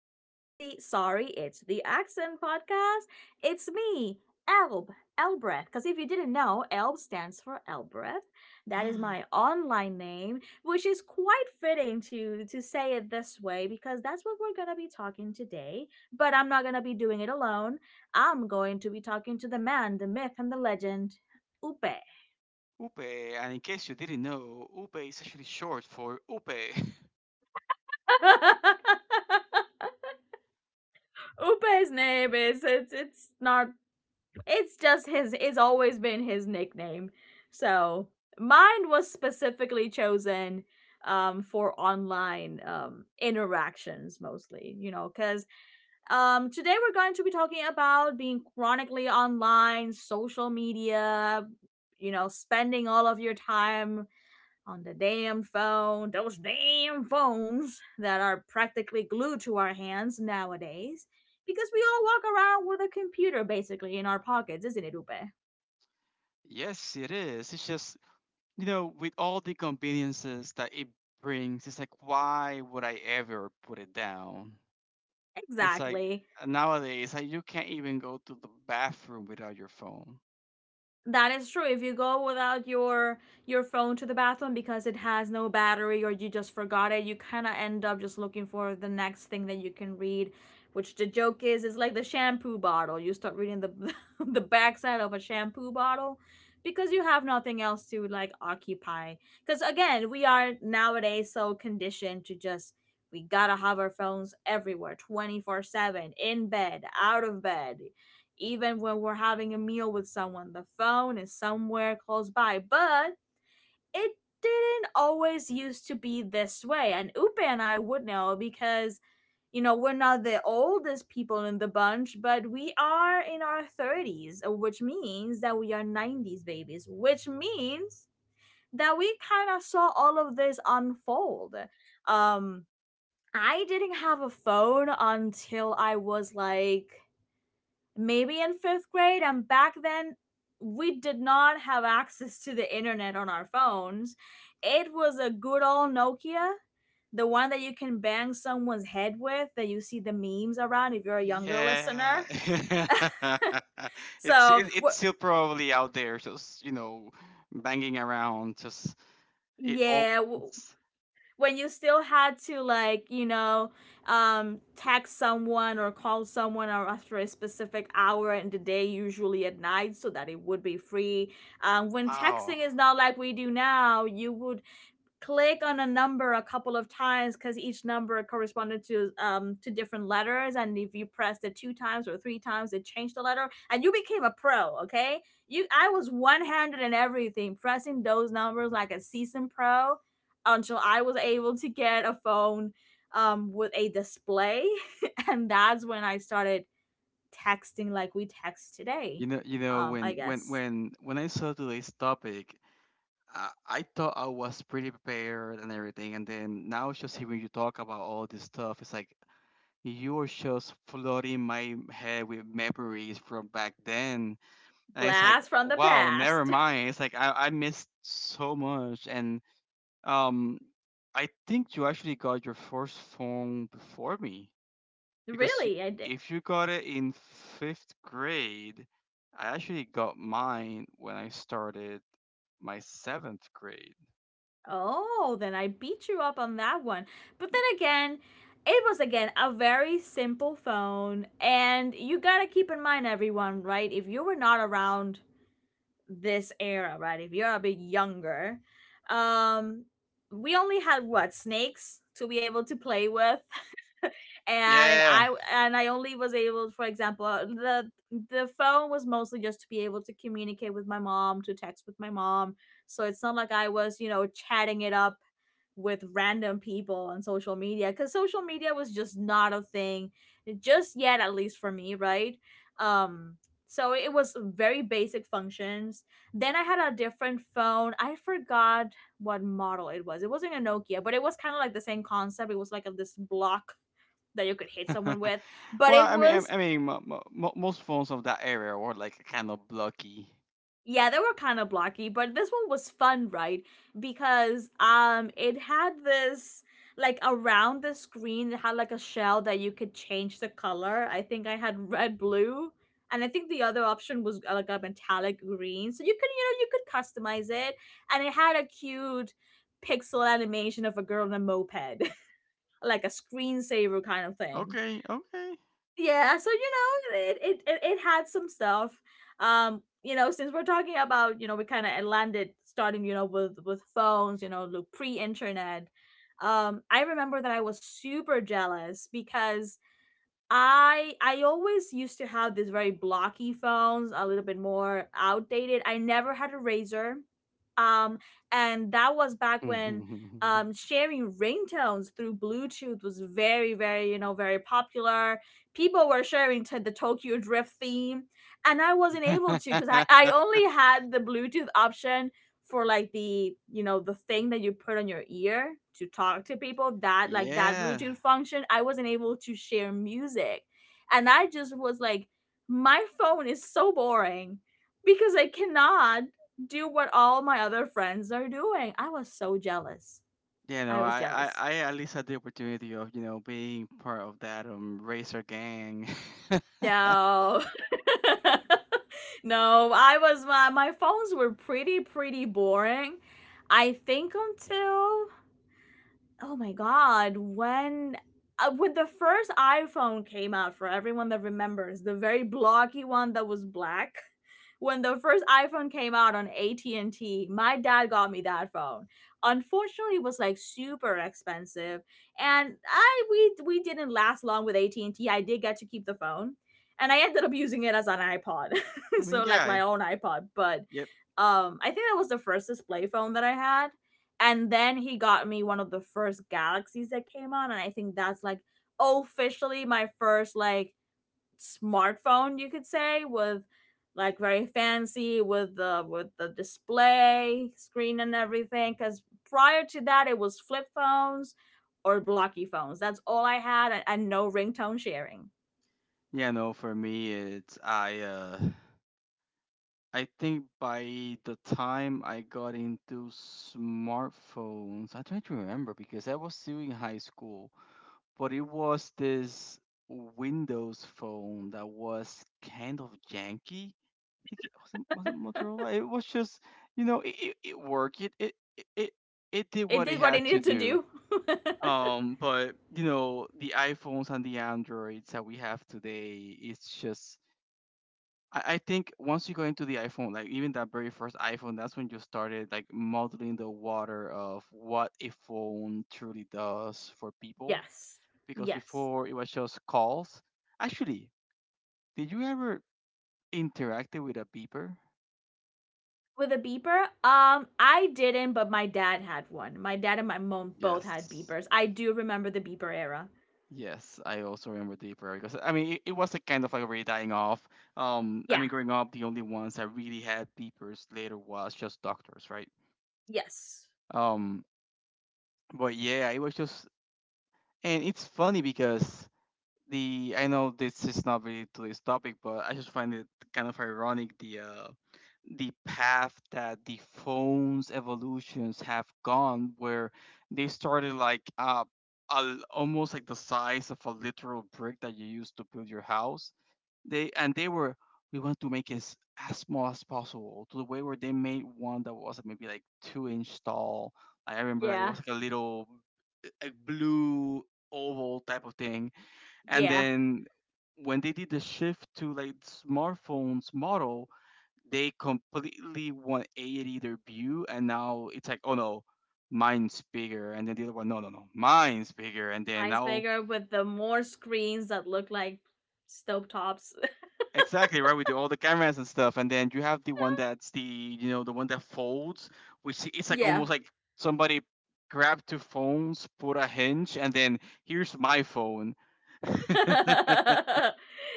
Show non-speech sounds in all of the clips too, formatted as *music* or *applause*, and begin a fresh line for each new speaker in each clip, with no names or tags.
back to the Sorry It's the Accent podcast. It's me, Elb, Elbreth. Because if you didn't know, Elb stands for Elbreth. That is my
*gasps*
online name, which is quite fitting to say it this way because that's what we're going to be talking today. But I'm not going to be doing it alone. I'm going to be talking to the man, the myth, and the legend, Upe.
Upe, and in case you didn't know, Upe is actually short for Upe. *laughs*
*laughs* Upe's name is it's not. It's just his, it's always been his nickname. So mine was specifically chosen for online interactions mostly, you know, cuz today we're going to be talking about being chronically online, social media, you know, spending all of your time on the damn phone, those damn phones that are practically glued to our hands nowadays because we all walk around with a computer basically in our pockets, isn't it, Upe?
Yes, it is. It's just, you know, with all the conveniences that it brings, it's like, why would I ever put it down? It's like
Exactly.
nowadays, like, you can't even go to the bathroom without your phone.
That is true. If you go without your your phone to the bathroom because it has no battery or you just forgot it, you kind of end up just looking for the next thing that you can read, which the joke is like the shampoo bottle. You start reading the *laughs* the backside of a shampoo bottle because you have nothing else to like occupy. Cuz again, we are nowadays so conditioned to just we got to have our phones everywhere 24/7, in bed, out of bed, even when we're having a meal with someone, the phone is somewhere close by. But it didn't always used to be this way. And Upe and I would know because, you know, we're not the oldest people in the bunch, but we are in our 30s, which means that we are 90s babies, which means that we kind of saw all of this unfold. Um, I didn't have a phone until I was like maybe in fifth grade. And back then, we did not have access to the internet on our phones. It was a good old Nokia, the one that you can bang someone's head with, that you see the memes around if you're a younger
Yeah,
listener.
*laughs* it's
So,
it,
we
it's still probably out there, just you know, banging around. Just it always.
yeah, when you still had to like, you know, text someone or call someone, or after a specific hour in the day, usually at night, so that it would be free. When
Wow.
texting is not like we do now, you would click on a number a couple of times because each number corresponded to different letters, and if you pressed it two times or three times, it changed the letter, and you became a pro. Okay, you I was one-handed in everything, pressing those numbers like a seasoned pro until I was able to get a phone with a display *laughs* and that's when I started texting like we text today.
You know, you know,
I
when when
guess
when when I saw today's topic, I thought I was pretty prepared and everything, and then now just hearing you talk about all this stuff, it's like you are just flooding my head with memories from back then, and it's like,
blast from the
wow, never
past.
mind. It's like I missed so much, and um, I think you actually got your first phone before me
*laughs*
because
Really? I did?
if you got it in 5th grade, I actually got mine when I started my 7th grade.
Oh, then I beat you up on that one. But then again, it was again a very simple phone. And you gotta keep in mind, everyone, right? If you were not around this era, right? If you're a bit younger, um, we only had what, snakes, to be able to play with. and
Yeah.
i and i only was able, for example, the phone was mostly just to be able to communicate with my mom, to text with my mom. So it's not like I was, you know, chatting it up with random people on social media because social media was just not a thing, eh, just yet, at least for me, right? um so it was very basic functions. Then I had a different phone, I forgot what model it was. It wasn't a Nokia, but it was kind of like the same concept. It was like a, this block that you could hit someone
*laughs*
with, but
Well,
it was
I mean, mo- mo- mo- most phones of that area were like kind of blocky.
Yeah, they were kind of blocky, but this one was fun, right? Because it had this, like around the screen, it had like a shell that you could change the color. I think I had red, blue, and I think the other option was, like a metallic green. So you could, you know, you could customize it, and it had a cute pixel animation of a girl on a moped, *laughs* like a screensaver kind of thing.
Okay. Okay.
Yeah, so you know, it had some stuff. You know, since we're talking about, you know, we kind of landed starting, you know, with phones, you know, pre-internet. I remember that I was super jealous because I always used to have these very blocky phones, a little bit more outdated. I never had a razor. Um and that was back when
*laughs*
sharing ringtones through Bluetooth was very, very, you know, very popular. People were sharing to the Tokyo Drift theme, and I wasn't able to because I only had the Bluetooth option for like the, you know, the thing that you put on your ear to talk to people, that like that
Yeah.
Bluetooth function, I wasn't able to share music. And I just was like, my phone is so boring because I cannot do what all my other friends are doing. I was so jealous.
Yeah, no,
I was
I, I,
jealous.
I at least had the opportunity of, you know, being part of that racer gang. *laughs* I
No, *laughs* no, I was, my phones were pretty boring, I think, until oh my god, when the first iPhone came out, for everyone that remembers, the very blocky one that was black. *laughs* When the first iPhone came out on AT&T, my dad got me that phone. Unfortunately, it was like super expensive, and I we didn't last long with at and T. I did get to keep the phone, and I ended up using it as an iPod. *laughs*
mean,
So like my own iPod, but
yep.
I think that was the first display phone that I had. And then he got me one of the first galaxies that came on, and I think that's like officially my first like smartphone, you could say, with like very fancy, with the display screen and everything, because prior to that it was flip phones or blocky phones, that's all I had, and no ringtone sharing.
Yeah, no, for me it's I think by the time I got into smartphones, I try to remember because I was still in high school, but it was this Windows phone that was kind of janky. I think it wasn't, was it Motorola. It was just you know it worked. It did
It
what it
did what it
had to
needed to
do.
do. *laughs*
But you know the iPhones and the Androids that we have today, it's just I think once you go into the iPhone, like even that very first iPhone, that's when you started like modeling the water of what a phone truly does for people.
Yes.
Because
Yes.
before it was just calls. Actually, did you ever interact with a beeper?
With a beeper? I didn't, but my dad had one. My dad and my mom both had
Yes.
beepers. I do remember the beeper era.
Yes, I also remember the beeper because I mean it was like kind of like already dying off. I
Yeah.
mean growing up, the only ones that really had beepers later was just doctors, right?
Yes.
Um, but yeah, it was just, and it's funny because the I know this is not really today's topic, but I just find it kind of ironic the path that the phone's evolutions have gone, where they started like almost like the size of a literal brick that you use to build your house. They and they were we want to make it as small as possible to the way where they made one that was like, maybe like two-inch tall. Like, I remember like it
Yeah.
was like a little like blue oval type of thing and
Yeah.
then when they did the shift to like smartphones model, they completely 180 their view, and now it's like, oh no, mine's bigger, and then the other one, no, no, no, mine's bigger, and then
Heinz
now
bigger, with the more screens that look like stove tops.
exactly right. We do all the cameras and stuff, and then you have the one that's the you know the one that folds, which it's like
*laughs* Yeah.
almost like somebody grabbed two phones, put a hinge, and then here's my phone. *laughs*
*laughs*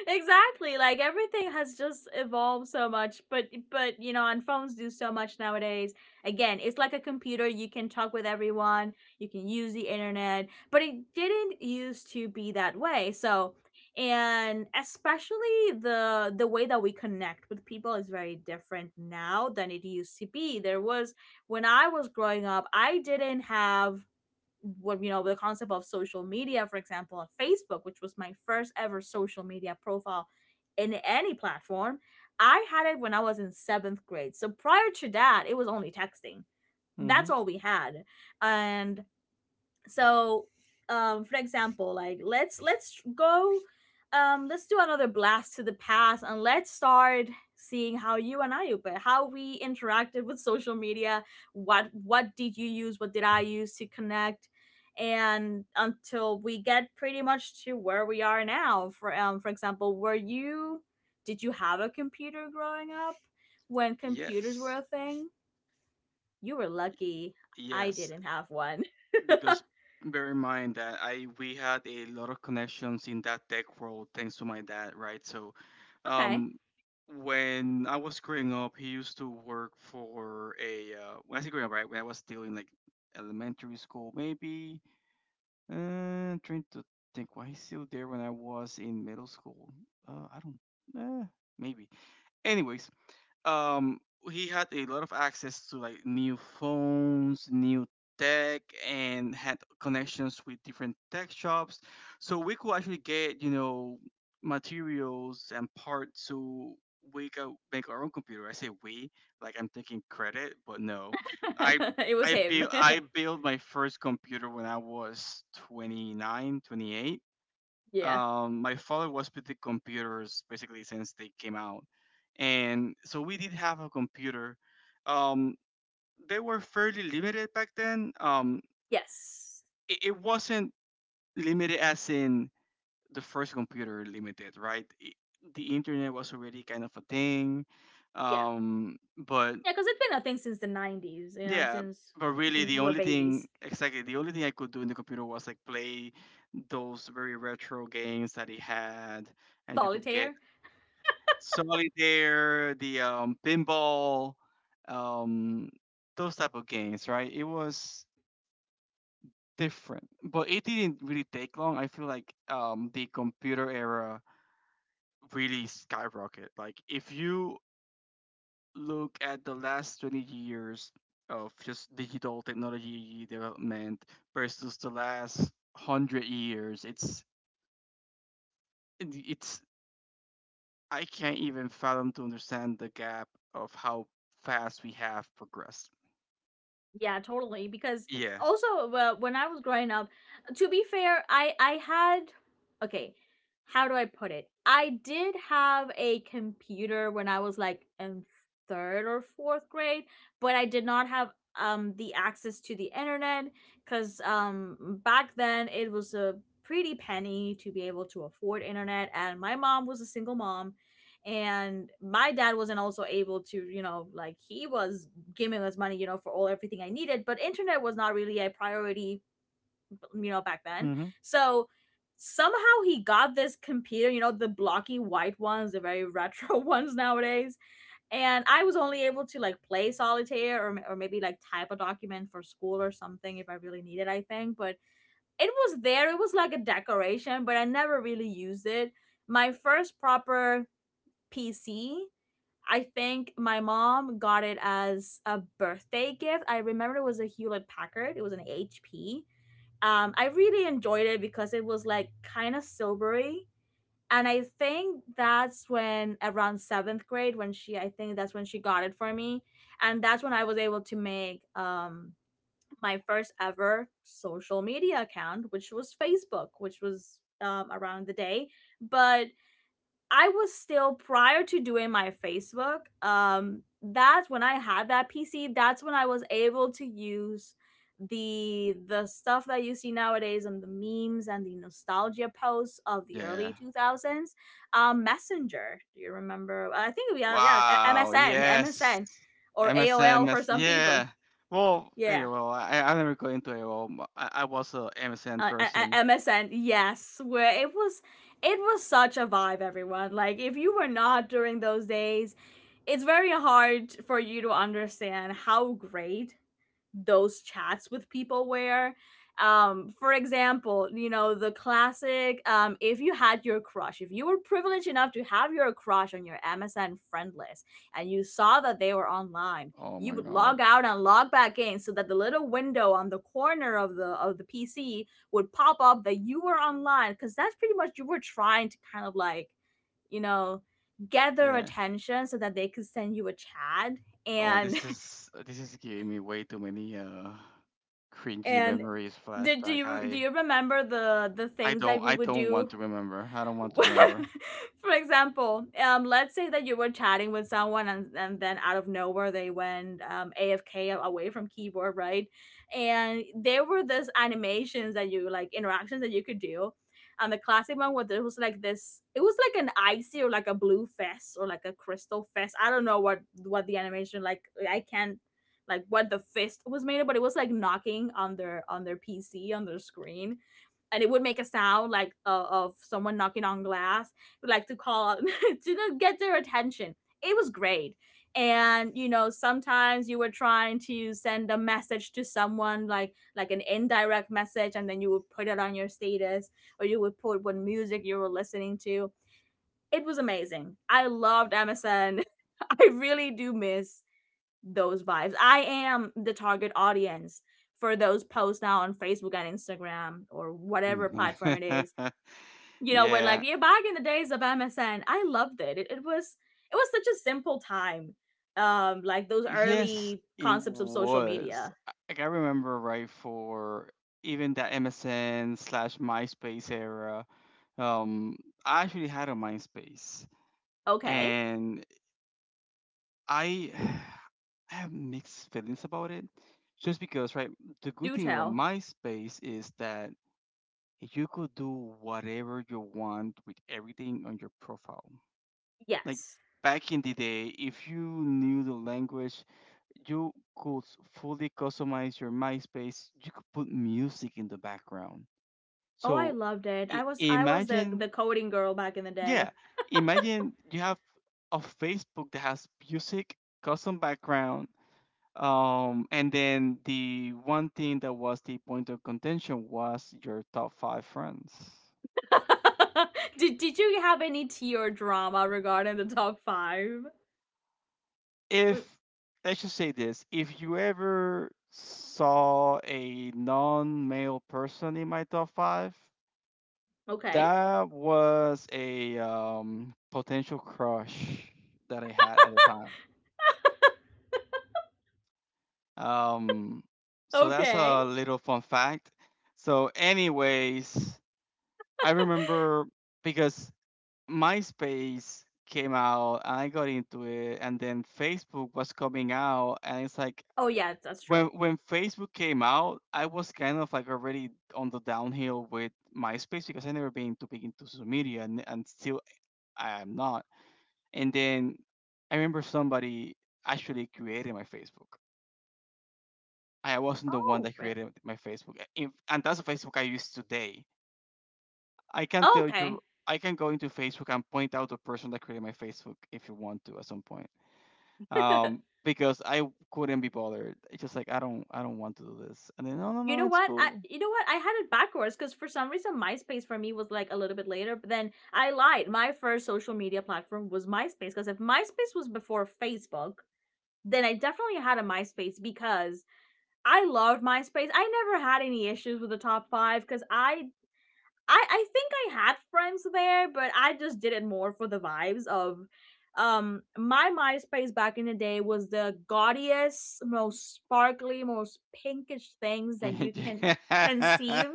Exactly, like everything has just evolved so much, but, you know, and phones do so much nowadays. Again, it's like a computer, you can talk with everyone, you can use the internet, but it didn't used to be that way. So, and especially the way that we connect with people is very different now than it used to be. There was, when I was growing up, I didn't have what, you know, the concept of social media, for example on Facebook, which was my first ever social media profile in any platform. I had it when I was in seventh grade, so prior to that it was only texting.
Hmm.
That's all we had. And so for example, like let's go, let's do another blast to the past, and let's start seeing how you and I, but how we interacted with social media. What did you use, what did I use to connect, and until we get pretty much to where we are now. For, for example, were you, did you have a computer growing up when computers were
Yes,
a thing? You were lucky. I
yes,
didn't have one.
because bear in mind that I we had a lot of connections in that tech world thanks to my dad, right? So,
*laughs* Okay.
um, when I was growing up, he used to work for a when I say growing up, right? When I was still in like elementary school, maybe. Trying to think why he's still there when I was in middle school. I don't. Uh, maybe. Anyway, um he had a lot of access to like new phones, new tech and had connections with different tech shops so we could actually get you know materials and parts so we could make our own computer. I say we like I'm taking credit, but no, i
*laughs* It was
I
him.
built I
*laughs*
built my first computer when I was 29 28.
Yeah.
Um, my father was with the computers basically since they came out, and so we did have a computer. Um, they were fairly limited back then.
Yes.
It wasn't limited as in the first computer limited, right? I the internet was already kind of a thing,
Yeah.
but
Yeah, because it's been a thing since the 90s, you know,
yeah. But really,
since we
the
were
only thing
babies.
exactly the only thing I could do in the computer was like play those very retro games that he had, and you could get
Solitaire?
solitaire, the pinball, um, those type of games, right? It was different, but it didn't really take long. I feel like the computer era really skyrocketed. Like if you look at the last 20 years of just digital technology development versus the last 100 years, it's I can't even fathom to understand the gap of how fast we have progressed.
Yeah, totally. Because
Yeah.
also, well, when I was growing up, to be fair, I had, okay, how do I put it? I did have a computer when I was like in third or fourth grade, but I did not have the access to the internet because back then it was a pretty penny to be able to afford internet, and my mom was a single mom. And my dad wasn't also able to, you know, like he was gaming was money, you know, for all everything I needed. But internet was not really a priority, you know, back then.
Mhm.
So somehow he got this computer, you know, the blocky white ones, the very *laughs* retro ones nowadays. And I was only able to like play solitaire, or maybe like type a document for school or something if I really needed, I think. But it was there, it was like a decoration, but I never really used it. My first proper PC, I think my mom got it as a birthday gift. I remember it was a Hewlett Packard. It was an HP. I really enjoyed it because it was like kind of silvery. And I think that's when around seventh grade, when she, I think that's when she got it for me. And that's when I was able to make my first ever social media account, which was Facebook, which was around the day. But I was still prior to doing my Facebook, that's when I had that PC, that's when I was able to use the stuff that you see nowadays and the memes and the nostalgia posts of the
Yeah.
early 2000s. Messenger, do you remember? I think we are, yeah, a-
Wow,
msn
yes.
msn or
MSN,
AOL for
mess
some people.
yeah. Well, hey,
Yeah.
well, I never go into it. Well, I was a MSN
uh,
person.
MSN, yes. Where it was, it was such a vibe. Everyone like, if you were not during those days, it's very hard for you to understand how great those chats with people were. For example, you know, the classic if you had your crush, if you were privileged enough to have your crush on your MSN friend list and you saw that they were online,
Oh
you
my
would
god.
log out and log back in so that the little window on the corner of the PC would pop up that you were online, because that's pretty much you were trying to kind of like, you know, gather
Yeah.
attention so that they could send you a chat.
Oh,
and
this is giving me way too many cringy
And
memories
do, do
flashback.
you do
I
you remember the
I
things that
don't
we
I
would
don't
do?
want to remember. I don't want
*laughs*
to remember.
For example, let's say that you were chatting with someone and then out of nowhere they went, AFK, away from keyboard, right? And there were these animations that you like, interactions that you could do. And the classic one was there was like this, it was like an icy or like a blue fest or like a crystal fest. I don't know what the animation like, I can't, like what the fist was made of, but it was like knocking on their PC, on their screen, and it would make a sound like of someone knocking on glass, like to call out *laughs* to get their attention. It was great. And you know, sometimes you were trying to send a message to someone like an indirect message, and then you would put it on your status, or you would put what music you were listening to. It was amazing. I loved MSN. *laughs* I really do miss those vibes. I am the target audience for those posts now on Facebook and Instagram or whatever platform it is.
*laughs*
You know, we're like,
Yeah.
yeah, back in the days of MSN, I loved it. It was, it was such a simple time. Like those
Yes,
early
it
concepts of social
was.
media.
Like I remember right for even that MSN slash MySpace era. Um, I actually had a MySpace,
Okay,
and I *sighs* I have mixed feelings about it. Just because, right? The good
do
thing about
tell.
MySpace is that you could do whatever you want with everything on your profile. Like
Yes.
back in the day, if you knew the language you could fully customize your MySpace. You could put music in the background.
Oh, I
So
loved it. I was the
imagine,
the coding girl back in the
yeah,
day.
imagine you have a Facebook that has music, custom background, and then the one thing that was the point of contention was your top five friends.
*laughs* Did you have any tea or drama regarding the top five?
If let's just say this, if you ever saw a non-male person in my top five,
Okay.
that was a potential crush that I had at the time. Um, so that's
Okay.
a little fun fact. So, anyways, I remember because MySpace came out and I got into it, and then Facebook was coming out, and it's like
Oh yeah, that's
when
true.
when Facebook came out, I was kind of like already on the downhill with MySpace because I never been too big into social media, and still I am not. And then I remember somebody actually created my Facebook. I wasn't the one
Oh,
that
really?
created my Facebook, and that's the Facebook I use today. I can tell you,
Okay.
I can go into Facebook and point out the person that created my Facebook if you want to at some point,
*laughs*
because I couldn't be bothered. It's just like I don't want to do this. And then no, no,
You
no,
know
it's
what? I
cool.
you know what? I had it backwards because for some reason MySpace for me was like a little bit later. But then I lied. My first social media platform was MySpace, because if MySpace was before Facebook, then I definitely had a MySpace because I loved MySpace. I never had any issues with the top five because I think I had friends there, but I just did it more for the vibes of my MySpace back in the day was the gaudiest, most sparkly, most pinkish things that you can
*laughs*
conceive.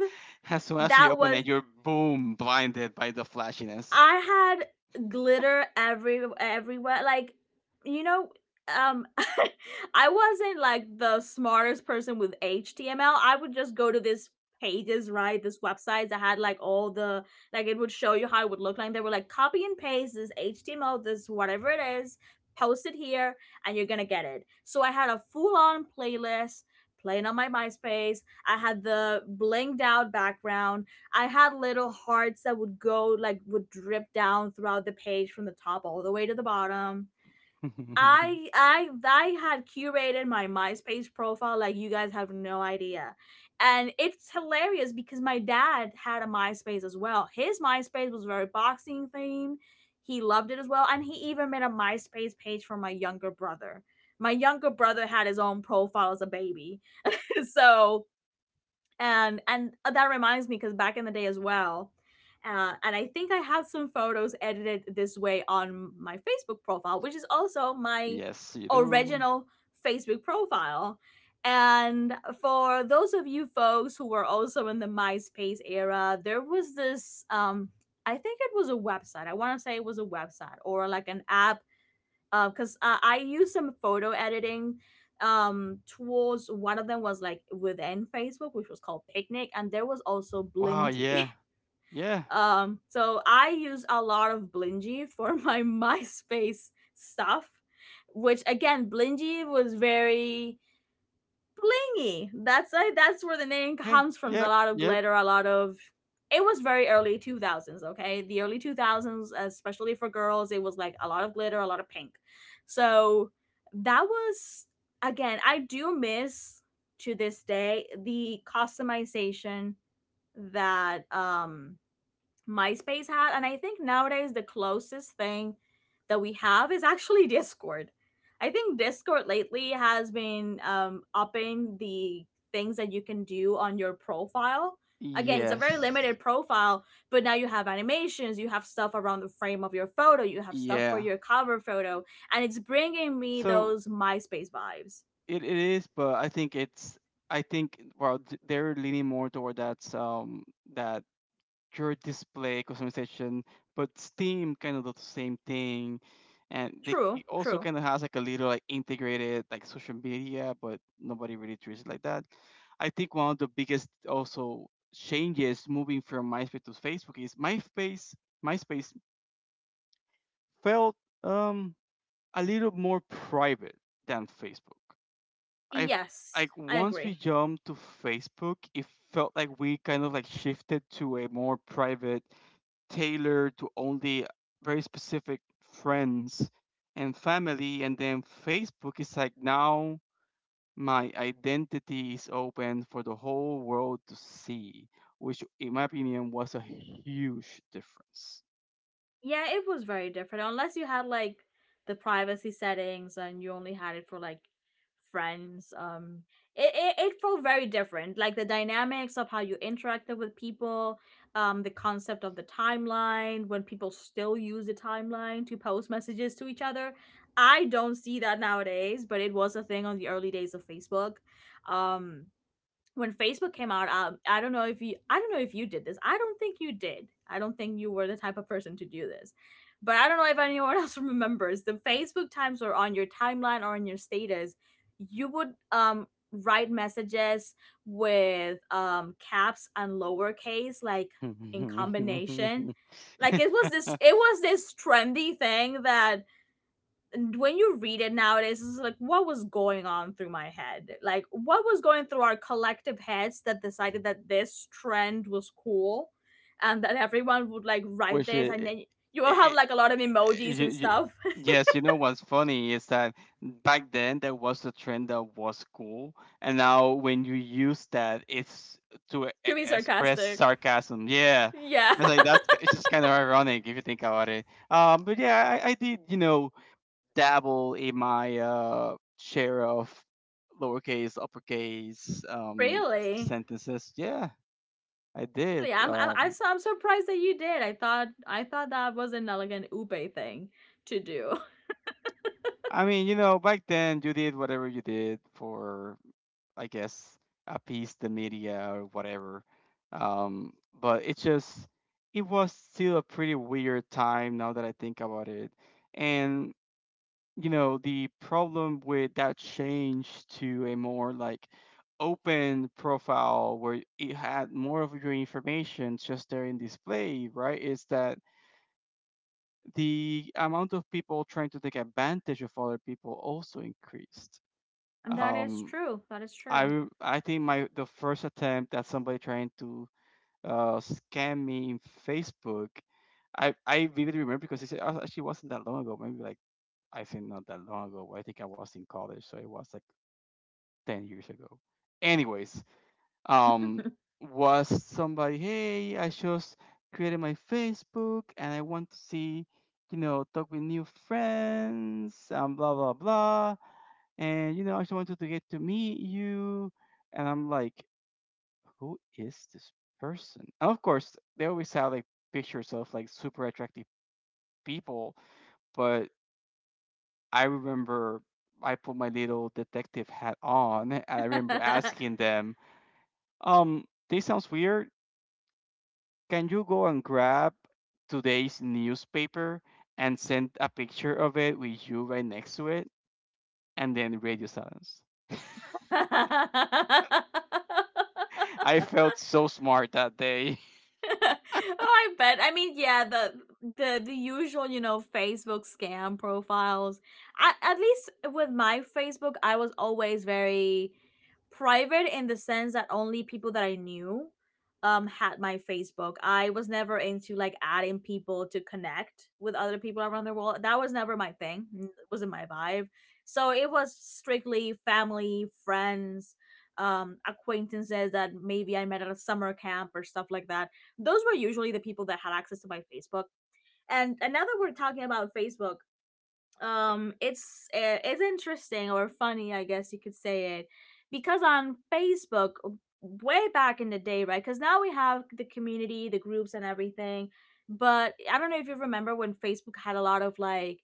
As soon as you
That
open it,
was,
you're boom blinded by the flashiness.
I had glitter every everywhere. Like, you know, um, *laughs* I wasn't like the smartest person with HTML. I would just go to this pages, right? This websites that had like all the, like it would show you how it would look like. They were like copy and paste this HTML, this whatever it is, post it here, and you're gonna get it. So I had a full on playlist playing on my MySpace. I had the blinged out background. I had little hearts that would go like, would drip down throughout the page from the top all the way to the bottom.
*laughs*
I had curated my MySpace profile like you guys have no idea. And it's hilarious because my dad had a MySpace as well. His MySpace was very boxing themed. He loved it as well, and he even made a MySpace page for my younger brother. My younger brother had his own profile as a baby. *laughs* So and that reminds me, because back in the day as well, and I think I had some photos edited this way on my Facebook profile, which is also my
Yes, you do.
original Facebook profile. And for those of you folks who were also in the MySpace era, there was this I think it was a website, I want to say it was a website or like an app, because I used some photo editing tools. One of them was like within Facebook, which was called Picnic, and there was also
Wow,
Blingy.
yeah.
*laughs*
Yeah.
So I use a lot of Blingy for my *laughs* MySpace stuff, which again, Blingy was very blingy. That's where the name
Hey.
comes from. A
Yep.
lot of
Yep.
glitter, a lot of. It was very early two thousands. Okay, the early two thousands, especially for girls, it was like a lot of glitter, a lot of pink. So that was, again. I do miss to this day the customization that MySpace had. And I think nowadays the closest thing that we have is actually *laughs* Discord. I think Discord lately has been upping the things that you can do on your profile. Again, it's a very
Yes.
limited profile, but now you have animations, you have stuff around the frame of your photo, you have stuff for
Yeah.
your cover photo, and it's bringing me
So
those MySpace vibes.
it is, but I think it's I think well they're leaning more toward that that pure display customization, but Steam kind of does the same thing, and they
True,
it also
true.
kind of has like a little like integrated like social media, but nobody really treats it like that. I think one of the biggest also changes moving from MySpace to Facebook is MySpace felt um a little more private than Facebook. I
Yes,
like
I
once we
agree.
jumped to Facebook, it felt like we kind of like shifted to a more private, tailored to only very specific friends and family. And then Facebook is like now my identity is open for the whole world to see, which in my opinion was a huge difference.
Yeah, it was very different. Unless you had like the privacy settings and you only had it for like friends. It felt very different. Like the dynamics of how you interacted with people, the concept of the timeline, when people still use the timeline to post messages to each other. I don't see that nowadays, but it was a thing on the early days of Facebook. Um when Facebook came out, I don't know if you, I don't know if you did this. I don't think you did. I don't think you were the type of person to do this. But I don't know if anyone *laughs* else remembers the Facebook times were on your timeline or on your status, you would write messages with caps and lowercase like in combination. Like it was this,
*laughs*
it was this trendy thing that, and when you read it nowadays, it's like what was going on through my head? Like what was going through our collective heads that decided that this trend was cool, and that everyone would like write
Which
this and then you will have
it,
like a lot of emojis
you,
and
you,
stuff.
yes, you know what's funny is that back then there was a trend that was cool, and now when you use that, it's to
*laughs* To be
express
sarcastic.
sarcasm. Yeah,
Yeah.
it's like
*laughs*
it's just kind of ironic if you think about it. But yeah, I did you know dabble in my share of lowercase, uppercase
Really?
sentences. Yeah, I did.
Really, I'm, I'm I'm su- I'm surprised that you did. I thought that was an elegant ube thing to do.
I mean, you know, back then you did whatever you did for I guess, appease the media or whatever. Um, but it just, it was still a pretty weird time now that I think about it. And, you know, the problem with that change to a more like open profile where it had more of your information just there in display, right, is that the amount of people trying to take advantage of other people also increased.
*laughs* And that is
Um,
true. That is true.
I think my the first attempt at somebody trying to scam me in Facebook, I vividly remember because it said actually wasn't that long ago. Maybe like I think not that long ago. But I think I was in college, so it was like 10 years ago. Anyways, um, was somebody? Hey, I just created my Facebook and I want to see, you know, talk with new friends and blah blah blah. And you know, I just wanted to get to meet you. And I'm like, who is this person? And of course, they always have like pictures of like super attractive people, but I remember I put my little detective hat on and I remember asking them, um, this sounds weird. Can you go and grab today's newspaper and send a picture of it with you right next to it? And then radio silence.
*laughs*
*laughs* I felt so smart that day. *laughs*
*laughs* Oh, I bet. I mean, yeah, the usual, you know, Facebook scam profiles. At least with my Facebook, I was always very private, in the sense that only people that I knew had my Facebook. I was never into like adding people to connect with other people around the world. That was never my thing. It wasn't my vibe. So it was strictly family, friends, acquaintances that maybe I met at a summer camp or stuff like that. Those were usually the people that had access to my Facebook. And now that we're talking about Facebook, it's interesting or funny, I guess you could say it, because on Facebook, way back in the day, right? Because now we have the community, the groups, and everything. But I don't know if you remember when Facebook had a lot of like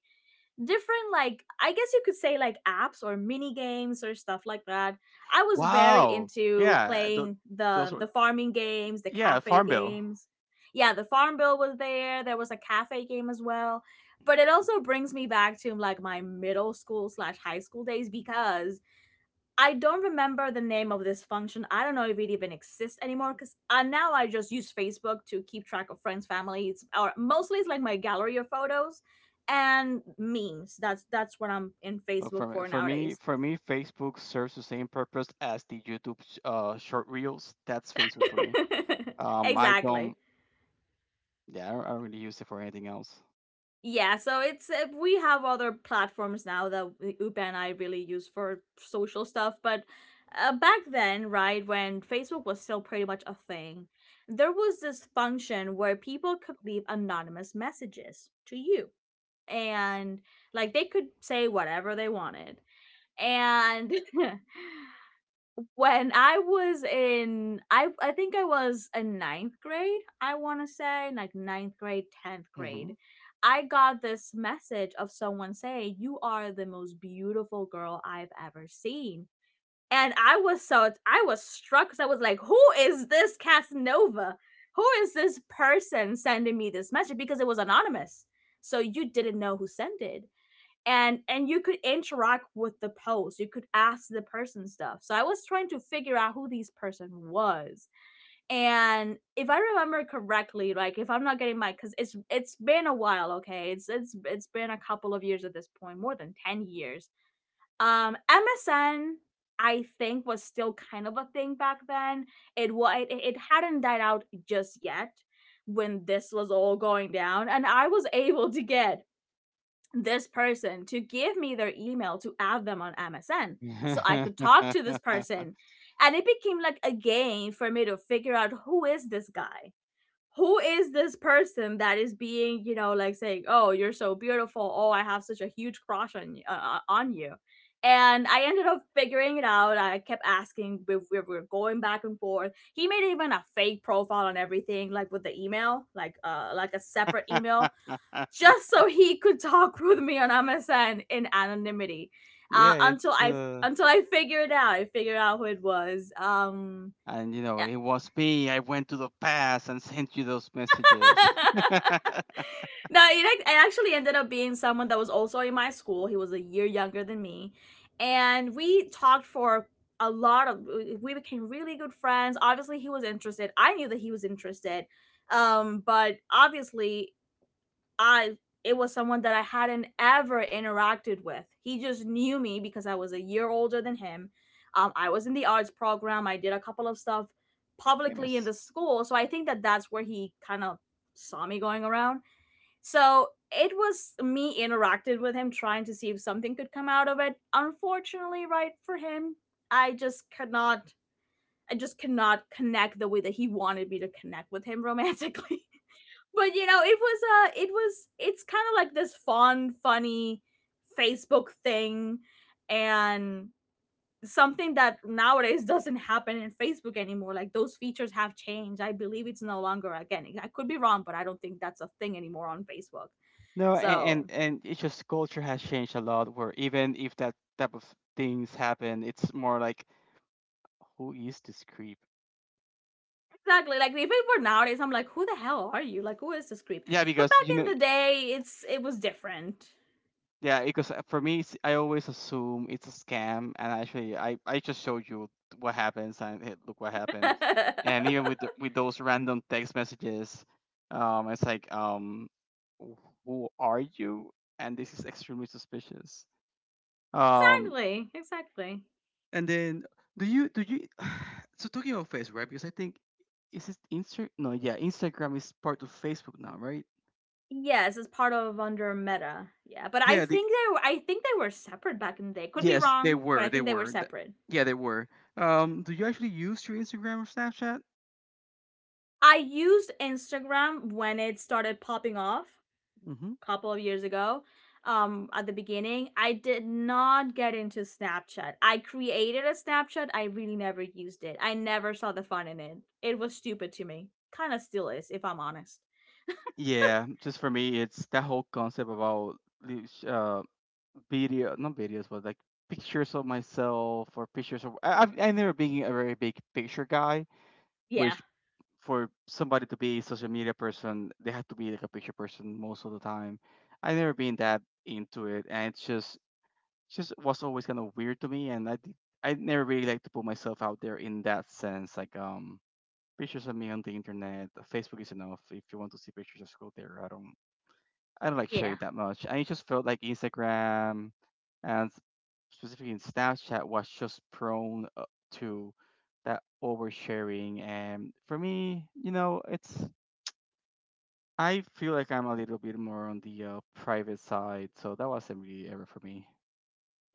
different, like I guess you could say like apps or mini games or stuff like that. I was very
Wow.
into
Yeah.
playing
Those
the
were.
the farming games, the
Yeah,
cafe
Farm Bill.
games. Yeah, the farm bill was there, there was a cafe game as well. But it also brings me back to like my middle school slash high school days, because I don't remember the name of this function. I don't know if it even exists anymore, because now I just use Facebook to keep track of friends, families, or mostly it's like my gallery of photos and memes. That's what I'm in
Look, for
Facebook
me,
for
for me,
nowadays.
for me, Facebook serves the same purpose as the YouTube short reels. That's Facebook for me.
*laughs*
I
Exactly.
don't, yeah, I don't really use it for anything else.
Yeah, so it's we have other platforms now that Upa and I really use for social stuff, but back then, right when Facebook was still pretty much a thing, there was this function where people could leave anonymous messages to you, and like they could say whatever they wanted, and *laughs* when I was in, I think I was in ninth grade. I want to say like ninth grade, tenth grade.
Hmm.
I got this message of someone saying, "You are the most beautiful girl I've ever seen," and I was struck because I was like, "Who is this Casanova? Who is this person sending me this message?" Because it was anonymous, so you didn't know who sent it, and you could interact with the post. You could ask the person stuff, so I was trying to figure out who this person was. And if I remember correctly, like if I'm not getting my, because it's been a while. Okay, it's been a couple of years at this point, more than 10 years. MSN, I think, was still kind of a thing back then. It hadn't died out just yet when this was all going down, and I was able to get this person to give me their email to add them on MSN so I could talk to this
*laughs*
person. And it became like a game for me to figure out, who is this guy? Who is this person that is being, you know, like saying, "Oh, you're so beautiful. Oh, I have such a huge crush on on you." And I ended up figuring it out. I kept asking. We were going back and forth. He made even a fake profile and everything, like with the email, like a separate email just so he could talk *laughs* with me on MSN in anonymity. uh,
Yeah,
until
it's
I until I figured out, I figured out who it was.
and you know,
Yeah.
it was me. I went to the past and *laughs* sent you those messages.
*laughs*
*laughs*
No, it actually ended up being someone that was also in my school. He was a year younger than me, and we talked for a lot of. We became really good friends. Obviously, he was interested. I knew that he was interested, but obviously I it was someone that I hadn't ever interacted with. He just knew me because I was a year older than him. I was in the arts program. I did a couple of stuff publicly in the
Famous.
school, so I think that that's where he kind of saw me going around. So it was me interacted with him, trying to see if something could come out of it. Unfortunately, right for him, I just could not. I just could not connect the way that he wanted me to connect with him romantically. *laughs* But you know, it's kind of like this funny Facebook thing, and something that nowadays doesn't happen in Facebook anymore. Like those features have changed, I believe. It's no longer, again, I could be wrong, but I don't think that's a thing anymore on Facebook.
No,
So
and it's just culture has changed a lot. Where even if that type of things happen, it's more like, who is this creep?
exactly, like if it were nowadays, I'm like, who the hell are you? Like, who is this creep?
Yeah,
But
because
back
you know,
in the day, it was different.
yeah, because for me, it's, I always assume it's a scam, and actually, I just showed you what happens, and hey, look what happened,
*laughs*
and even with those random text messages, it's like "Wh- who are you? And this is extremely suspicious. Um,
Exactly, exactly.
and then do you? *sighs* So talking about Facebook, right? Because I think is it Insta? No, yeah, Instagram is part of Facebook now, right?
Yes, it's part of under Meta. Yeah, but I
Yeah, the
think they were, I think they were separate back in the day. Could be
Yes, they
wrong, but I
were. They
think they were
were.
separate.
Yeah, they were. Do you actually use your Instagram or Snapchat?
I used Instagram when it started popping off
Mm-hmm.
a couple of years ago. At the beginning, I did not get into Snapchat. I created a Snapchat. I really never used it. I never saw the fun in it. It was stupid to me. Kind of still is, if I'm honest.
Yeah, just for me, it's that whole concept about the video, not videos, but like pictures of myself or pictures of. I've never been a very big picture guy,
Yeah,
which for somebody to be a social media person, they have to be like a picture person most of the time. I've never been that into it, and it's just it's just was always kind of weird to me, and I did, I never really like to put myself out there in that sense. Like pictures of me on the internet, Facebook is enough. If you want to see pictures, just go there. I don't like
yeah.
sharing that much. And it just felt like Instagram and specifically in Snapchat was just prone to that oversharing. And for me, you know, it's I feel like I'm a little bit more on the private side, so that wasn't really ever for me.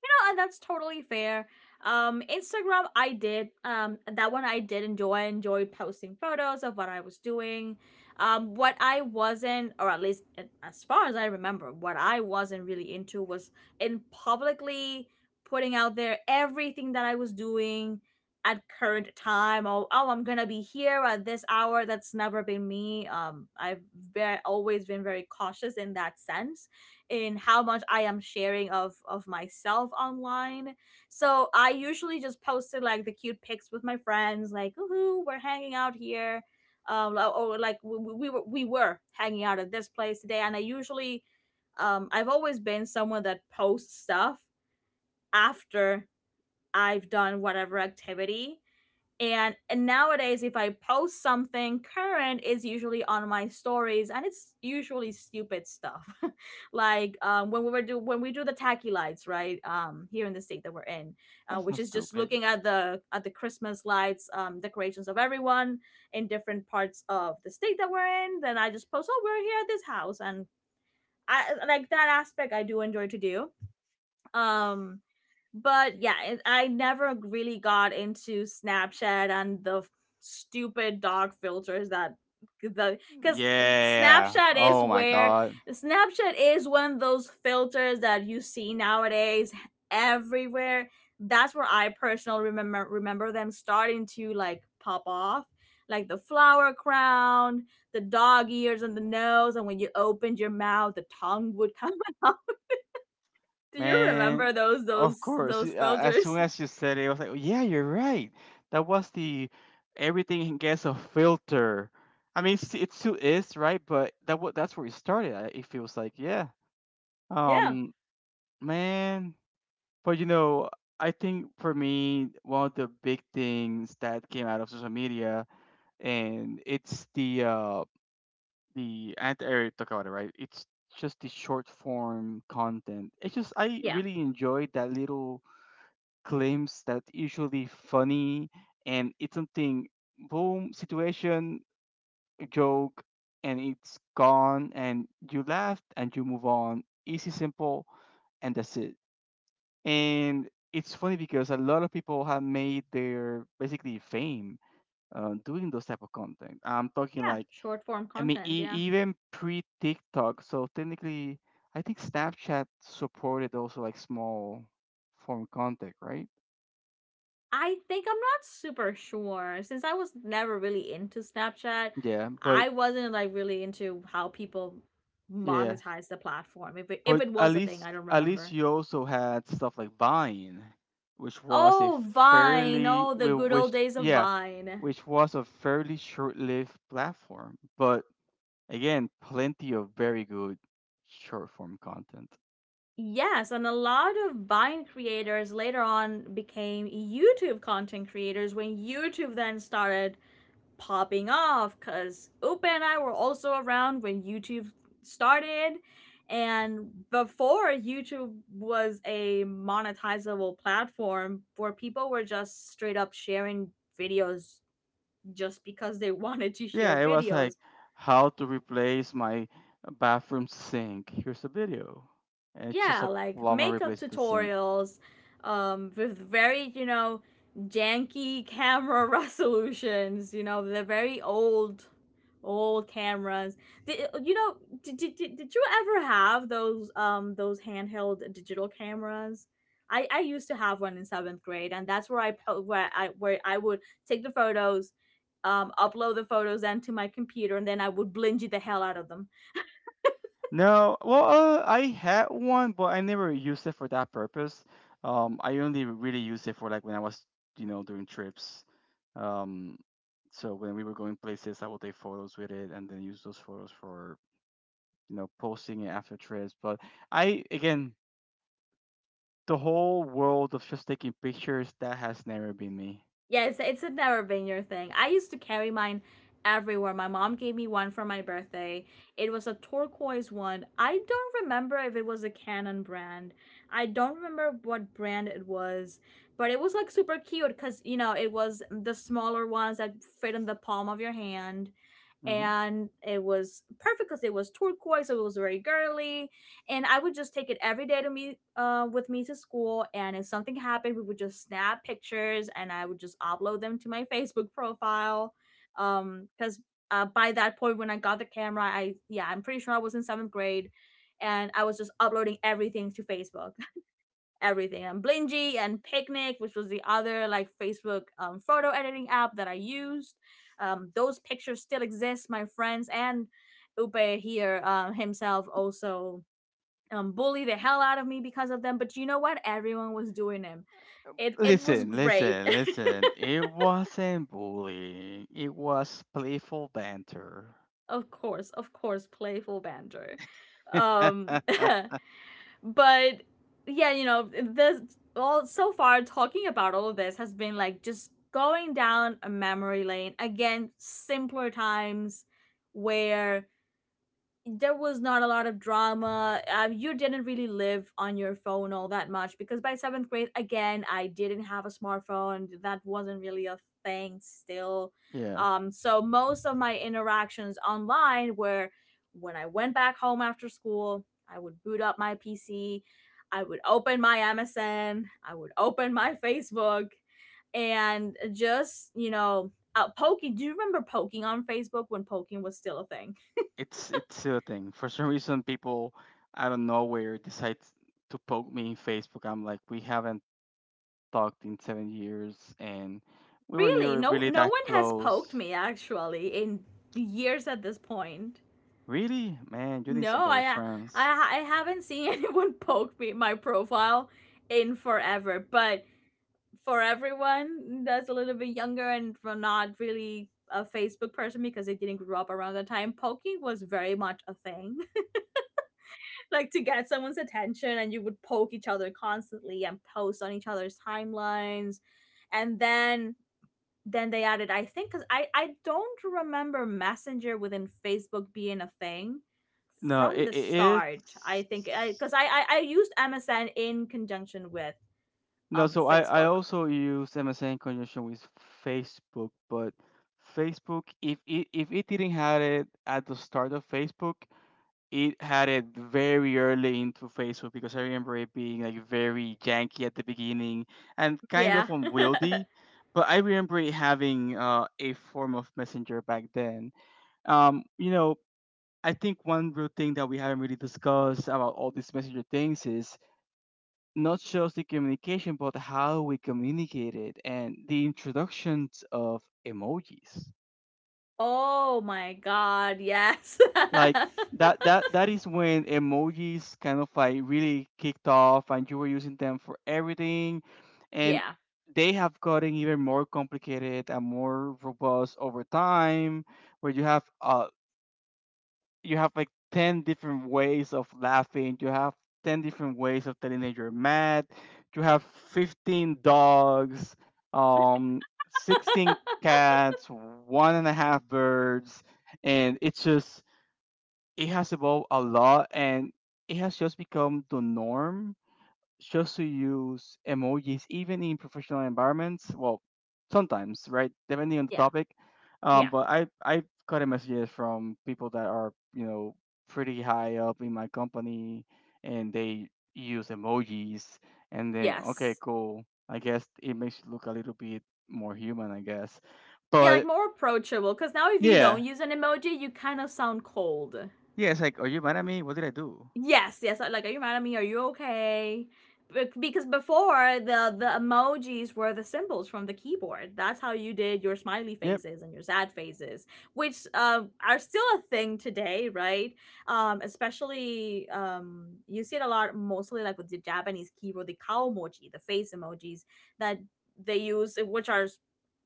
Know, and that's totally fair. Instagram, I did. That one I did enjoy. I enjoyed posting photos of what I was doing. What I wasn't, or at least as far as I remember, what I wasn't really into was in publicly putting out there everything that I was doing at current time. Oh, oh, I'm gonna be here at this hour. That's never been me. I've very, always been very cautious in that sense in how much I am sharing of myself online. So I usually just posted like the cute pics with my friends, like woohoo, we're hanging out here, like we were hanging out at this place today. And I usually, I've always been someone that posts stuff after I've done whatever activity. And nowadays, if I post something current, is usually on my stories, and it's usually stupid stuff, *laughs* like when we were do when we do the tacky lights, right? Here in the state that we're in,
That's
which
not
is just
stupid.
looking at the Christmas lights, decorations of everyone in different parts of the state that we're in. Then I just post, oh, we're here at this house, and I like that aspect. I do enjoy to do um. But yeah, I never really got into Snapchat and the stupid dog filters that the because
Yeah.
snapchat is
Oh my
where
God,
Snapchat is one of those filters that you see nowadays everywhere. That's where I personally remember them starting to like pop off, like the flower crown, the dog ears and the nose, and when you opened your mouth the tongue would come. *laughs* Do you
man.
remember those
Of
those
course.
those
As soon
filters?
as you said it, I was like, yeah, you're right. That was the everything gets a filter. I mean, it still is, right? But that what that's where it started. It feels like, yeah.
Yeah.
Um, man. But you know, I think for me, one of the big things that came out of social media, and it's the anti-air Dakota, right? It's just the short form content. It's just I
Yeah.
really enjoyed that little claims that usually funny and it's something boom situation joke and it's gone and you laughed and you move on. Easy, simple, and that's it. And it's funny because a lot of people have made their basically fame doing those type of content. I'm talking
Yeah.
like
Short form
I mean,
content. Yeah.
even pre TikTok. So technically, I think Snapchat supported also like small form content, right?
I think I'm not super sure since I was never really into Snapchat.
Yeah, but
I wasn't like really into how people
yeah,
monetize the platform. If
but
it
at
was a thing,
least
I don't
at least
remember.
you also had stuff like Vine, which was a
Oh, Vine.
fairly
Oh, the good old
which
days of
yeah,
Vine.
which was a fairly short-lived platform, but again, plenty of very good short form content.
Yes, and a lot of Vine creators later on became YouTube content creators when YouTube then started popping off because Upa and I were also around when YouTube started. And before YouTube was a monetizable platform where people were just straight up sharing videos just because they *laughs* wanted to share
Yeah, it was
videos,
like how to replace my bathroom sink. Here's a video. And it's just
yeah,
a
like
plumber
makeup
replaced the sink.
tutorials, um, with very, you know, janky camera *laughs* resolutions. You know, they're very old old cameras. Did, you know, did you ever have those handheld digital cameras? I used to have one in seventh grade, and that's where where I where I would take the photos, um, upload the photos then to my computer, and then I would blingy the hell out of them.
No, well, I had one, but I never used it for that purpose. I only really used it for like when I was, you know, doing trips. Um, so when we were going places, I would take photos with it and then use those photos for, you know, posting it after trips. But I, again, the whole world of just taking pictures, that has never been me.
Yeah, it's never been your thing. I used to carry mine everywhere. My mom gave me one for my birthday. It was a turquoise one. I don't remember if it was a Canon brand. I don't remember what brand it was, but it was like super cute because you know it was the smaller ones that fit in the palm of your hand.
Hmm.
And it was perfect because it was turquoise, so it was very girly. And I would just take it every day to me, with me to school. And if something happened, we would just snap pictures, and I would just upload them to my Facebook profile. Because by that point, when I got the camera, I yeah, I'm pretty sure I was in seventh grade, and I was just uploading everything to Facebook, everything, and Blingy and Picnic, which was the other like Facebook, photo editing app that I used. Those pictures still exist, my friends, and Upe here, himself also, bully the hell out of me because of them. But you know what? Everyone was doing him. It was
Listen,
great.
listen,
*laughs*
listen. It wasn't bullying. It was playful banter.
Of course, of course, playful banter. Um,
*laughs*
*laughs* but yeah, you know, this all so far talking about all of this has been like just going down a memory lane again, simpler times where there was not a lot of drama. You didn't really live on your phone all that much because by seventh grade, again, I didn't have a smartphone. That wasn't really a thing still.
Yeah,
So most of my interactions online were when I went back home after school, I would boot up my PC, I would open my MSN, I would open my Facebook, and just, you know, poking. Do you remember poking on Facebook when poking was still a thing?
it's a thing. For some reason, people out of nowhere decide to poke me in Facebook. I'm like, we haven't talked in 7 years, and we were
Really,
never really
no
that
one has poked
close.
me actually in years at this point.
Really, man, you need
No,
some better friends.
I haven't seen *laughs* anyone poke me my profile in forever. But for everyone that's a little bit younger and for not really a Facebook person because they didn't grow up around that time, poking was very much a thing. *laughs* Like to get someone's attention, and you would poke each other constantly and post on each other's timelines. And then they added, I think, because I don't remember Messenger within Facebook being a thing
No,
from
it,
the
it is.
start. I think I because I used MSN in conjunction with
No, so I
Facebook.
also use MSN in conjunction with Facebook, but Facebook, if it didn't had it at the start of Facebook, it had it very early into Facebook because I remember it being like very janky at the beginning and kind of
Yeah.
unwieldy. But I remember it having a form of messenger back then. You know, I think one real thing that we haven't really discussed about all these messenger things is not just the communication, but how we communicated and the introductions of emojis.
*laughs* Oh my god, yes. *laughs*
Like that is when emojis kind of like really kicked off and you were using them for everything, and
Yeah,
they have gotten even more complicated and more robust over time where you have like 10 different ways of laughing, you have 10 different ways of telling that you're mad, you have 15 dogs, um 16 cats, one and a half birds, and it's just it has evolved a lot and it has just become the norm shows to use emojis even in professional environments. Well, sometimes, right? Depending on the
yeah,
topic.
yeah,
But I I've gotten messages from people that are you know pretty high up in my company, and they use emojis, and then okay,
yes,
cool. I guess it makes you look a little bit more human, I guess.
yeah, like
But
more approachable, because now if you
yeah,
don't use an emoji you kind of sound cold.
yeah, it's like, are you mad at me? What did I do?
Yes, yes. Like, are you mad at me? Are you okay? Because before, the emojis were the symbols from the keyboard. That's how you did your smiley
Yep.
faces and your sad faces, which are still a thing today, right? Especially, you see it a lot, mostly like with the Japanese keyboard, the cow emoji, the face emojis that they use, which are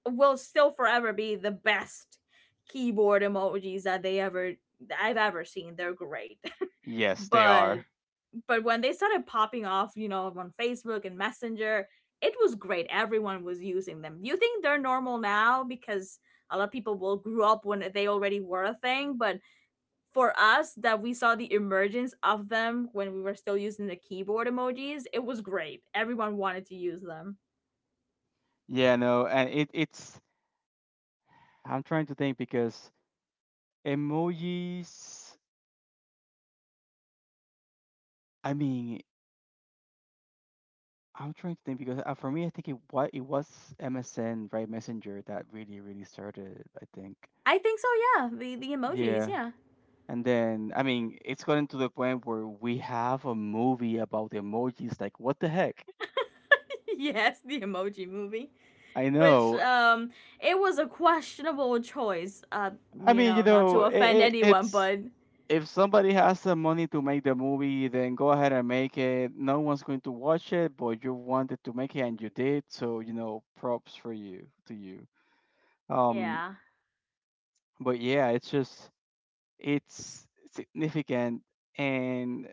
will still forever be the best keyboard emojis that they ever that I've ever seen. They're great. *laughs*
Yes, they
but
are.
but when they started popping off, you know, on Facebook and Messenger, it was great. Everyone was using them. You think they're normal now because a lot of people will grew up when they already were a thing, but for us that we saw the emergence of them when we were still using the keyboard emojis, it was great. Everyone wanted to use them.
Yeah, no, and it it's I'm trying to think because emojis. I mean, I'm trying to think because for me, I think it what it was MSN, right? Messenger that really, really started it, I think.
I think so, yeah. The emojis,
Yeah.
yeah.
And then, I mean, it's gotten to the point where we have a movie about emojis. Like, what the heck?
*laughs* Yes, the Emoji Movie,
I
which,
know.
um, it was a questionable choice.
I
You
mean, you
know, not
know,
to offend
it,
anyone,
it's
but
if somebody has the money to make the movie, then go ahead and make it. No one's going to watch it, but you wanted to make it and you did. So, you know, props for you to you. Um,
yeah.
but yeah, it's just it's significant, and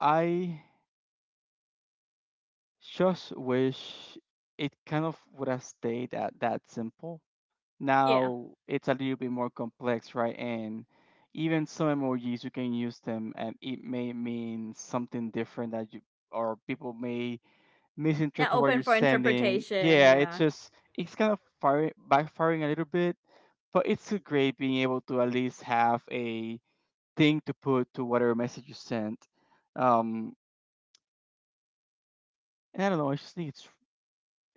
I just wish it kind of would have stayed at that simple.
Yeah.
Now it's a little bit more complex, right? And even some emojis you can use them, and it may mean something different that you or people may
Yeah,
misinterpret what
open
you're
for
sending.
interpretation.
Yeah, it's
Yeah.
just it's kind of firing, backfiring a little bit, but it's still great being able to at least have a thing to put to whatever message you sent. Um, and I don't know. I just think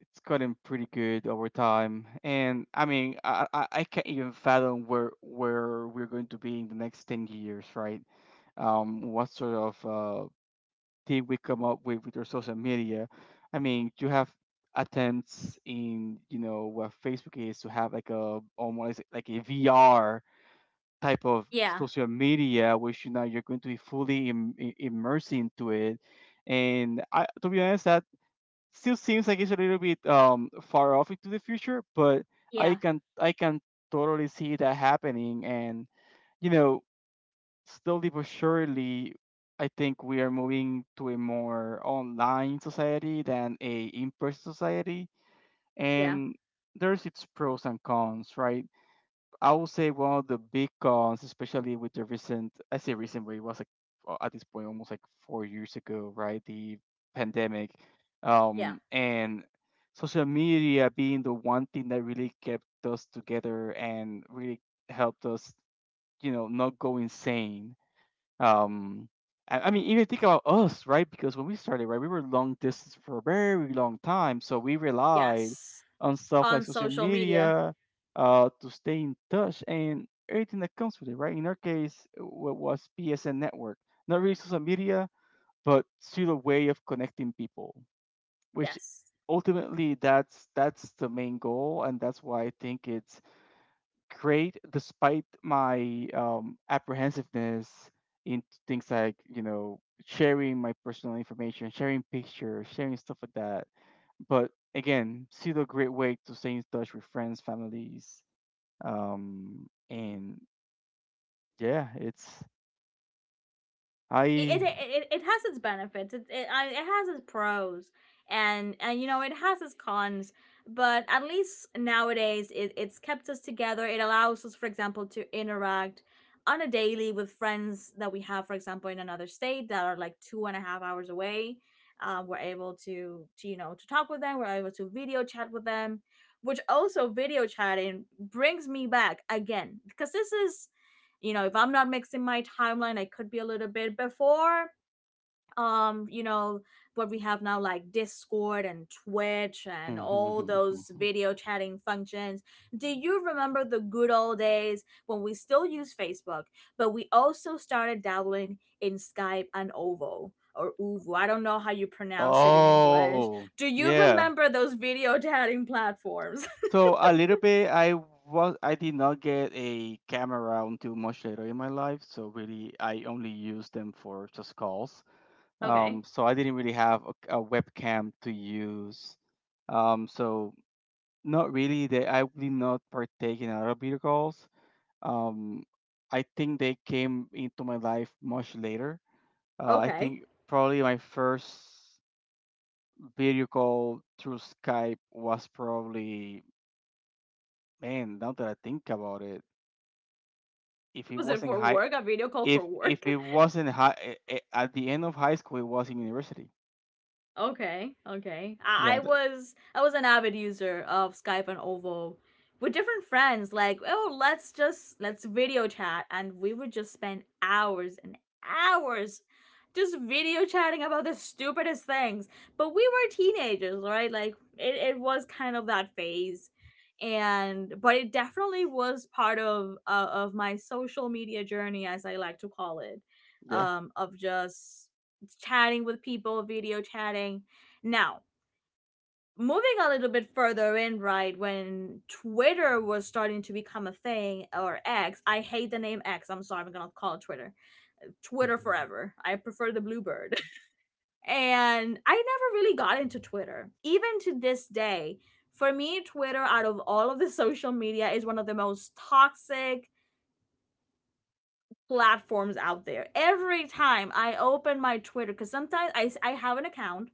it's gotten pretty good over time. And I mean, I can't even fathom where we're going to be in the next 10 years, right? What sort of thing we come up with our social media? I mean, you have attempts in you know what Facebook is to have like a almost like a VR type of
Yeah.
social media, which you know you're going to be fully immersed into it, and I, to be honest, that still seems like it's a little bit far off into the future, but i
Yeah.
can i can totally see that happening, and you know slowly but surely I think we are moving to a more online society than a in-person society,
Yeah.
and there's its pros and cons, right? I would say one of the big cons, especially with the recent, I say recent, but it was like at this point almost like 4 years ago, right? The pandemic,
Yeah.
and social media being the one thing that really kept us together and really helped us, you know, not go insane um, I mean, even think about us, right? Because when we started, right, we were long distance for a very long time, so we relied
Yes.
on stuff like
On
social
social media.
media to stay in touch and everything that comes with it, right? In our case, what was PSN network, not really social media, but still a way of connecting people, which
Yes.
ultimately that's the main goal, and that's why I think it's great despite my apprehensiveness in things like sharing my personal information, sharing pictures, sharing stuff like that. But again, still a great way to stay in touch with friends, families. And yeah it's
it it,
I
it, it has its benefits. It has its pros, and you know it has its cons. But at least nowadays, it's kept us together. It allows us, for example, to interact on a daily with friends that we have, for example, in another state that are like 2.5 hours away. We're able to you know to talk with them. We're able to video chat with them, which also video chatting brings me back again because this is, you know, if I'm not mixing my timeline, I could be a little bit before. Um, you know, what we have now, like Discord and Twitch and all
*laughs*
those video chatting functions. Do you remember the good old days when we still use Facebook, but we also started dabbling in Skype and Ovo, or Uvu? I don't know how you pronounce it in English.
Oh,
Do you
yeah.
remember those video chatting platforms?
So a little bit. I did not get a camera until much later in my life. So really, I only used them for just calls.
*laughs*
Um,
Okay.
so I didn't really have a webcam to use. Um, so Not really. They I did not partake in a lot of video calls. Um, I think they came into my life much later. I
Okay.
think probably my first video call through Skype was probably, man, now that I think about it, if it
Was it
wasn't
for
high,
work? A video call for
if
work?
if it wasn't high, at the end of high school, it was in university.
Okay, okay.
Yeah, the,
I was an avid user of Skype and Ovo with different friends. Like, oh, let's just let's video chat, and we would just spend hours and hours just video chatting about the stupidest things. But we were teenagers, right? Like, it was kind of that phase, and but it definitely was part of my social media journey, as I like to call it,
yeah,
of just chatting with people, video chatting. Now, moving a little bit further in, right, when Twitter was starting to become a thing, or X, I hate the name X, I'm sorry, I'm gonna call it Twitter. Twitter
*laughs*
forever. I prefer the bluebird. *laughs* And I never really got into Twitter. Even to this day, for me, Twitter, out of all of the *laughs* social media, is one of the most toxic platforms out there. Every time I open my Twitter, because sometimes I have an account,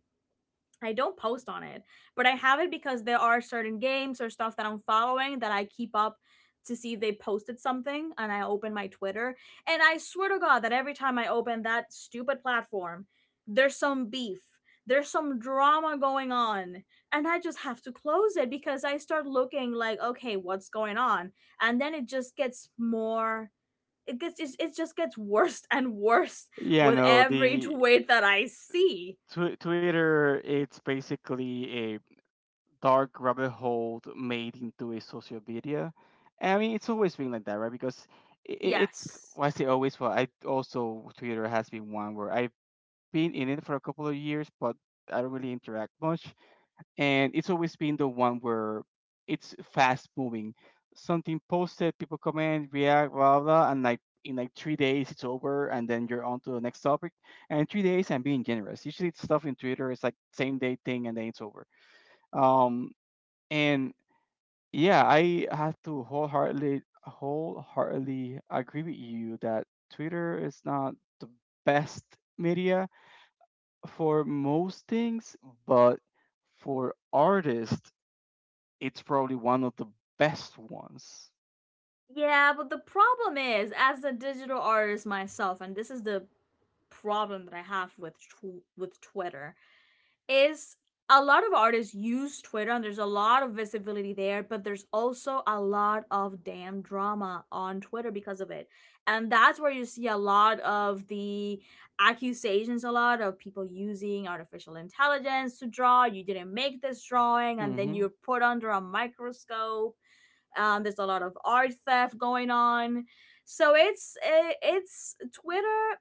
I don't post on it, but I have it because there are certain games or stuff that I'm following that I keep up to see if they posted something and I open my Twitter. And I swear to God that every time I open that stupid platform, there's some beef, there's some drama going on. And I just have to close it because I start looking like, okay, what's going on? And then it just gets more. It it just gets *laughs* worse and worse
yeah.
with
No,
every
the
tweet that I see.
Twitter. It's basically a dark rabbit hole made into a social media. I mean, it's always been like that, right? Because i i- it's,
Yes.
well, I say always, but I also, Twitter has been one where I've been in it for a couple of years, but I don't really interact much. And it's always been the one where it's fast moving. Something posted, people comment, react, blah blah, blah, and like in like 3 days it's over, and then you're on to the next topic. And 3 days, I'm being generous. Usually, it's stuff in Twitter. It's like same day thing, and then it's over. Um, and Yeah, I have to wholeheartedly agree with you that Twitter is not the best media for most things, but for artists it's probably one of the best ones.
Yeah, but the problem is, as a digital artist myself, and this is the problem that I have with with Twitter, is a lot of artists use Twitter and there's a lot of visibility there, but there's also a lot of damn drama on Twitter because of it. And that's where you see a lot of the accusations, a lot of people using artificial intelligence to draw. You didn't make this drawing, and then
Mm-hmm.
you're put under a microscope. Um, there's a lot of art theft going on. So it's Twitter.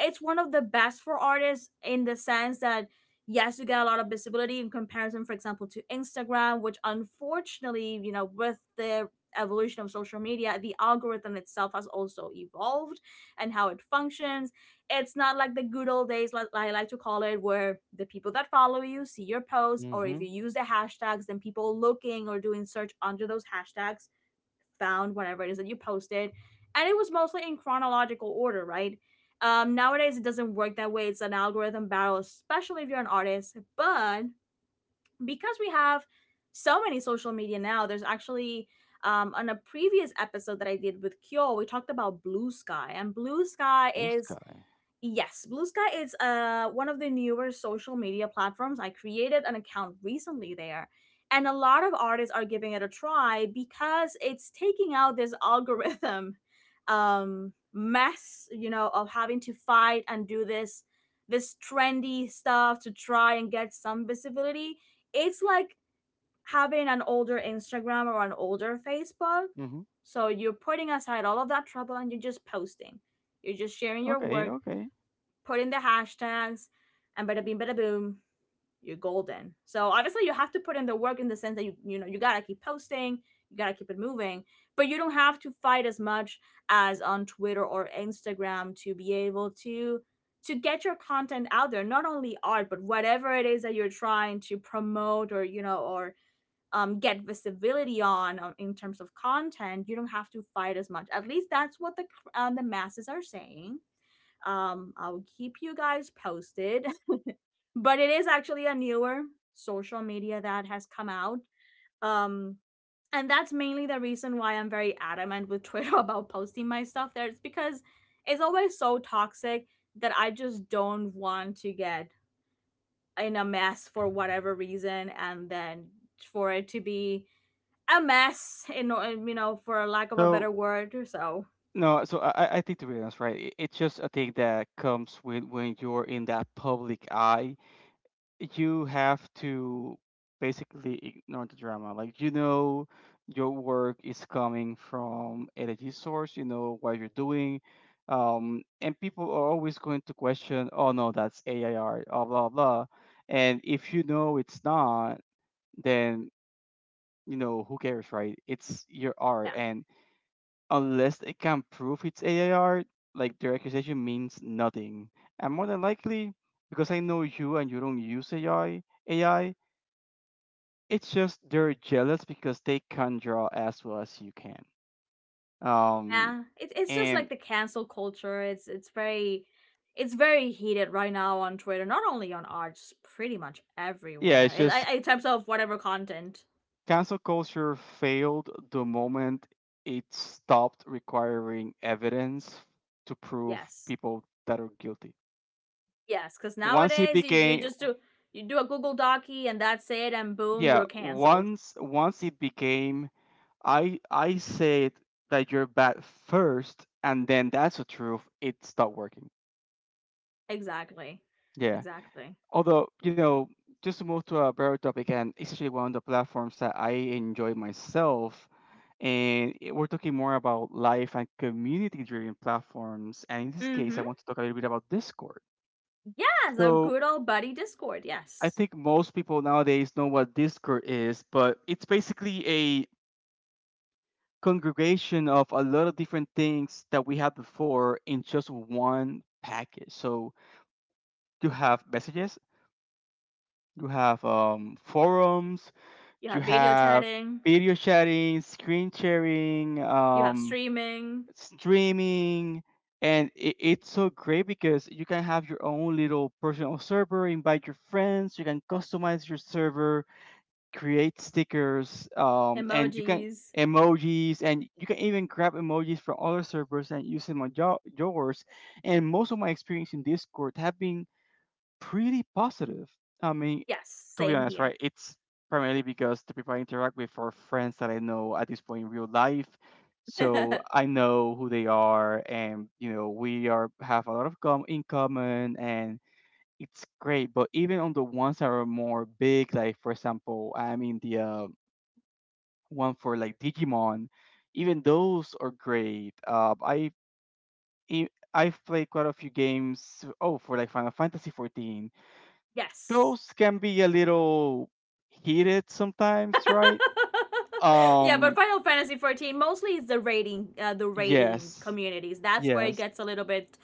It's one of the best for artists in the sense that yes, you get a lot of visibility in comparison, for example, to Instagram, which unfortunately, you know, with the evolution of social media, the algorithm itself has also evolved and how it functions. It's not like the good old days, like I like to call it, where the people that follow you see your posts, or if
Mm-hmm.
you use the hashtags, then people looking or doing search under those hashtags found whenever it is that you posted, and it was mostly in chronological order, right? Nowadays, it doesn't work that way. It's an algorithm battle, especially if you're an artist. But because we have so many social media now, there's actually, on a previous episode that I did with Kyo, we talked about Blue Sky, and Blue Sky
Blue
is
Sky.
Yes, Blue Sky is, uh, one of the newer social media platforms. I created an account recently there, and a lot of artists are giving it a try because it's taking out this *laughs* algorithm, um, mess, you know, of having to fight and do this this trendy stuff to try and get some visibility. It's like having an older Instagram or an older Facebook.
Mm-hmm.
So you're putting aside all of that trouble and you're just posting. You're just sharing your
Okay.
work,
Okay.
put in the hashtags, and bada bing, bada boom, you're golden. So obviously, you have to put in the work in the sense that you know you gotta keep posting, you gotta keep it moving, but you don't have to fight as much as on Twitter or Instagram to be able to get your content out there, not only art but whatever it is that you're trying to promote or you know or, get visibility on, in terms of content you don't have to fight as much, at least that's what the, the masses are saying. Um, I'll keep you guys posted. *laughs* But it is actually a newer social media that has come out. Um, and that's mainly the reason why I'm very adamant with Twitter *laughs* about posting my stuff there. It's because it's always so toxic that I just don't want to get in a mess for whatever reason and then for it to be a mess in you know for lack of a
So
better word, so
no, so I I think, to be honest, right? It's just a thing that comes with when you're in that public eye. You have to basically ignore the drama. Like, you know, your work is coming from a legit source, you know what you're doing. And people are always going to question, oh no, that's AIR, blah blah blah. And if you know it's not, then, you know, who cares, right? It's your art,
yeah.
and unless they can prove it's AIR, like, their accusation means nothing. And more than likely, because I know you and you don't use AI, it's just they're jealous because they can draw as well as you can. Um,
Yeah, it's just like
and
the cancel culture. It's very heated right now on Twitter, not only on ours, pretty much
Yeah,
everywhere.
it's just
In terms of whatever content.
cancel culture failed the moment it stopped requiring evidence to prove
Yes,
people that are guilty.
yes, because
Once it
nowadays you
became,
just do you do a Google Docy and that's it, and boom,
yeah,
you're canceled.
once it became, I said that you're bad first, and then that's the truth. It stopped working.
Exactly,
Yeah.
exactly.
Although, you know, just to move to a better topic, and essentially one of the platforms that I enjoy myself. We're talking more about life and community driven platforms. And in this case, I
Mm-hmm.
want to talk a little bit about Discord.
Yes, our
So
good old buddy Discord.
I
Yes,
think most people nowadays know what Discord is, but it's basically a congregation of a lot of different things that we had before in just one package. So you have messages, you have forums,
you
you
have video
have
chatting,
video sharing, screen sharing,
you have streaming,
streaming, and it's so great because you can have your own little personal server, invite your friends, you can customize your server, create stickers, and you can
emojis.
emojis, and you can even grab emojis from other servers and use them on yours. And most of my experience in Discord have been pretty positive. I mean,
Yes,
to be
same
honest,
here.
right, it's primarily because the people I interact with are friends that I know at this point in real life. So
*laughs*
I know who they are, and, you know, we are have a lot of in common, and it's great. But even on the ones that are more big, like for example, I'm in the one for like Digimon. Even those are great. I- I've played quite a few games. Oh, for like Final Fantasy 14,
Yes.
those can be a little heated sometimes, right?
*laughs* Yeah, but
Um,
Final Fantasy 14 mostly is the rating, the rating
yes,
communities. That's where it
yes,
gets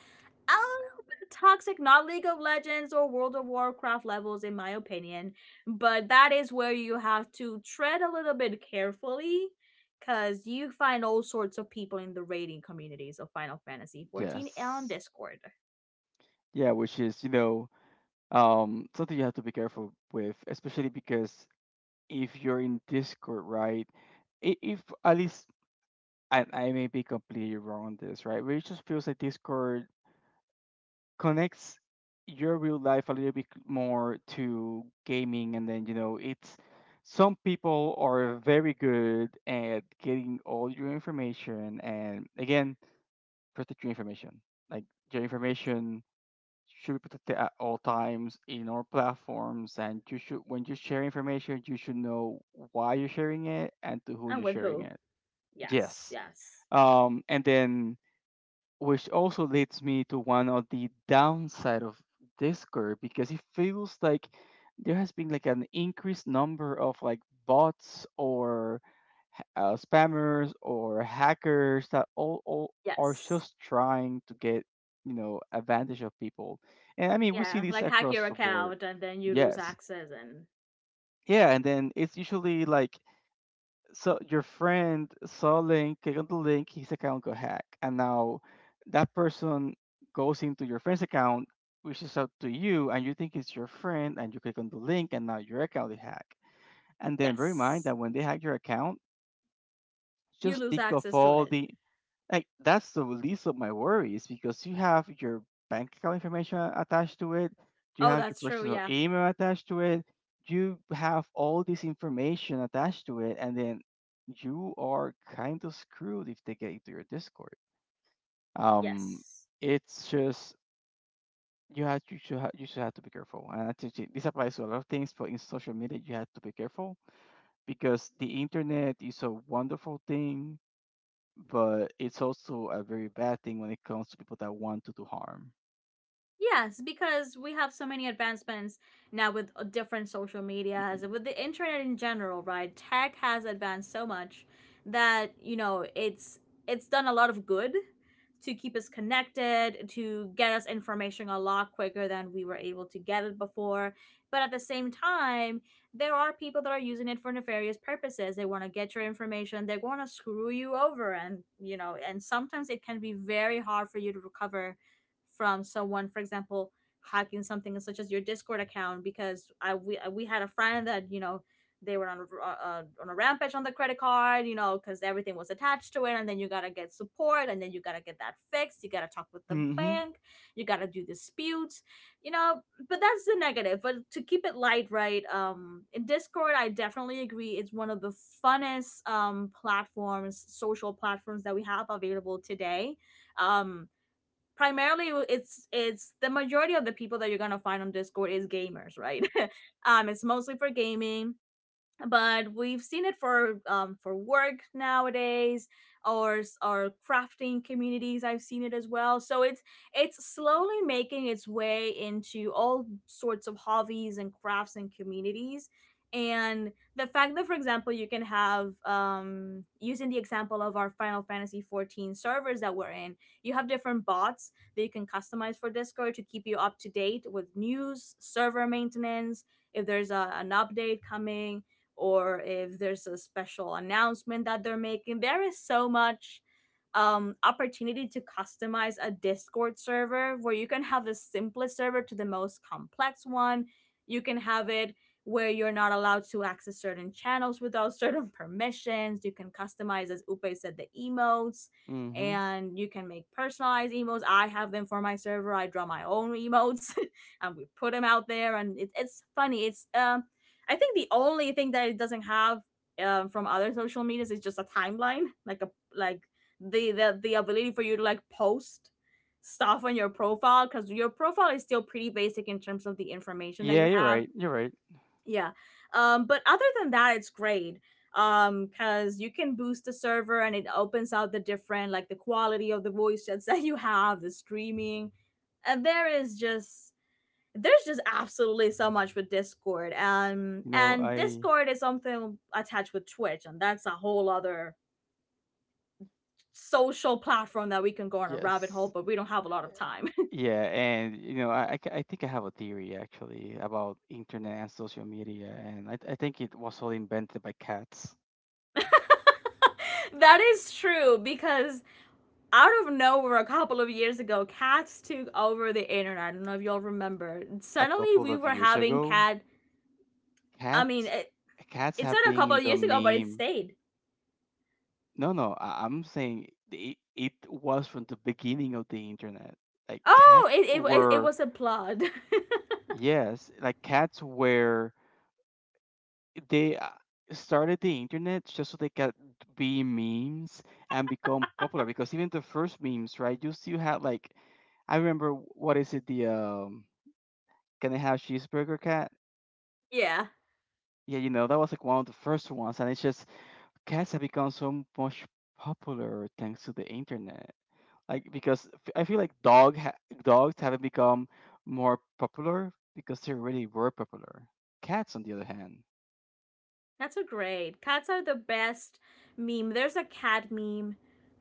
a little bit toxic, not League of Legends or World of Warcraft levels in my opinion, but that is where you have to tread a little bit carefully cuz you find all sorts of people in the rating communities of Final Fantasy 14 on
yes,
Discord.
yeah, which is, you know, something you have to be careful with, especially because if you're in Discord, right? If, at least, and I may be completely wrong on this, right? But it just feels like Discord connects your real life a little bit more to gaming, and then, you know, it's some people are very good at getting all your information, and again, protect your information. Like, your
Yes.
information should be protected at all times in our platforms, and you should, when you share information, you should know why you're sharing it and to who
And
you're
with
sharing
who?
it.
Yes,
Yes.
yes.
Um, and then, which also leads me to one of the downside of Discord, because it feels like there has been like an increased number of like bots or spammers or hackers that all are
Yes.
just trying to get, you know, advantage of people. And I mean, we see
Yeah,
this
like hack your
across the board.
account and then you lose
Yes.
access and
Yeah. And then it's usually like, so your friend saw a link, click on the link, his account got hacked, and now that person goes into your friend's account, reaches out to you, and you think it's your friend, and you click on the link, and now your account is hacked. And then bear in mind
Yes.
that when they hack your account,
You
just
lose
think of
access to
all
it.
the, like, that's the least of my worries, because you have your bank account information attached to it, you
Oh,
have your
that's true.
personal
Yeah.
email attached to it, you have all this information attached to it, and then you are kind of screwed if they get into your Discord. Um,
Yes.
it's just you have, you should have to be careful, and I think this applies to a lot of things, but in social media you have to be careful because the internet is a wonderful thing, but it's also a very bad thing when it comes to people that want to do harm.
Yes, because we have so many advancements now with, different social media, as with the internet in general, right? Tech has advanced so much that you know it's done a lot of good to keep us connected, to get us information a lot quicker than we were able to get it before. But at the same time, there are people that are using it for nefarious purposes. They want to get your information. They want to screw you over, and and sometimes it can be very hard for you to recover from someone, for example, hacking something such as your Discord account because I we had a friend that. They were on a on a rampage on the credit card, you know, because everything was attached to it, and then you gotta get support, and then you gotta get that fixed. You gotta talk with the
Hmm.
bank. You gotta do disputes, you know. But that's the negative. But to keep it light, right? In Discord, I definitely agree. It's one of the funnest platforms, social platforms that we have available today. Um Primarily it's the majority of the people that you're gonna find on Discord is gamers, right? *laughs* It's mostly for gaming, but we've seen it for work nowadays or or crafting communities, I've seen it as well. So it's slowly making its way into all sorts of hobbies and crafts and communities. And the fact that, for example, you can have, using the example of our Final Fantasy 14 servers that we're in, you have different bots that you can customize for Discord to keep you up to date with news, server maintenance, if there's an update coming, or if there's a special announcement that they're making. There is so much opportunity to customize a Discord server where you can have the simplest server to the most complex one. You can have it where you're not allowed to access certain channels without *laughs* certain permissions. You can customize, as Upe said, the emotes,
Hmm.
and you can make personalized emotes. I have them for my server. I draw my own emotes *laughs* and we put them out there, and it's funny. It's I think the only thing that it doesn't have, from other social medias, is just a timeline, like a, like the ability for you to like post stuff on your profile, because your profile is still pretty basic in terms of the information that
Yeah,
you
you're
have.
right. You're right.
Yeah, but other than that, it's great because you can boost the server and it opens out the different, like the quality of the voice *laughs* chats that you have, the streaming. And there is just, there's just absolutely so much with Discord,
You know,
and
I,
Discord is something attached with Twitch, and that's a whole other social platform that we can go on a rabbit hole,
yes,
but we don't have a lot of time.
yeah. And you know, I think I have a theory actually about internet and social media, and I think it was all invented by cats
*laughs* That is true, because out of nowhere a couple of years ago, cats took over the internet. I don't know if y'all remember,
a
suddenly
couple
we
of
were
years
having
ago.
cat, I mean
Cats, cats
it
have
started a couple
been
of
the
years ago, but it
meme.
stayed.
No, no, I'm saying it, it was from the beginning of the internet. Like,
oh
cats
it, it, it
were,
was a plot.
yes, like cats, where they started the internet just so they could be memes and become popular, because even the first memes, right? You still had like, I remember, what is it, the can I have cheeseburger cat?
*laughs* Yeah.
Yeah, you know, that was like one of the first ones, and it's just cats have become so much popular thanks to the internet. Like, because I feel like dogs haven't become more popular because they really were popular. Cats, on the other hand.
Cats are great. Cats are the best meme. There's a cat meme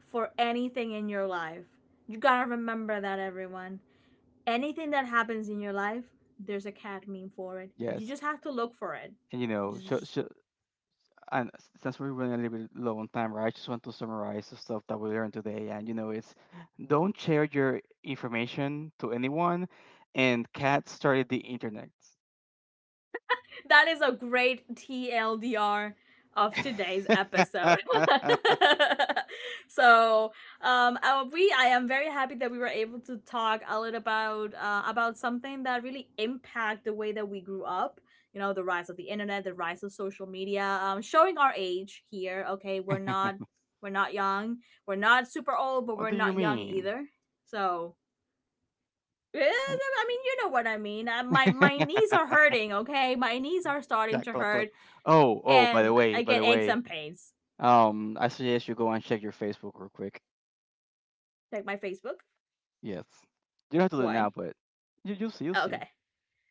for anything in your life. You gotta remember that, everyone. Anything that happens in your life, there's a cat meme for it. You
Yes.
just have to look for it.
And you know, so,
Just,
so, and since we're running a little bit low on time, right, I just want to summarize the stuff that we learned today. And you know, it's don't share your information to anyone. And cat started the internet.
that is a great TLDR of today's episode.
*laughs*
*laughs* so, we I am very happy that we were able to talk a little about something that really impacted the way that we grew up. You know, the rise of the internet, the rise of social media, showing our age here. Okay, we're not, we're not young, we're not super old, but
What
we're
do you
not young
mean?
either. So, yeah, I mean, you know what I mean. My knees
*laughs*
are hurting. Okay, my knees are starting
Click,
to
click,
hurt,
click. Oh, oh,
and I
by
get
the
aches
way,
and pains.
I suggest you go and check your Facebook real quick.
Check my Facebook?
Yes. You don't have to do it now,
Why?
but you, you'll see, you'll see.
Okay.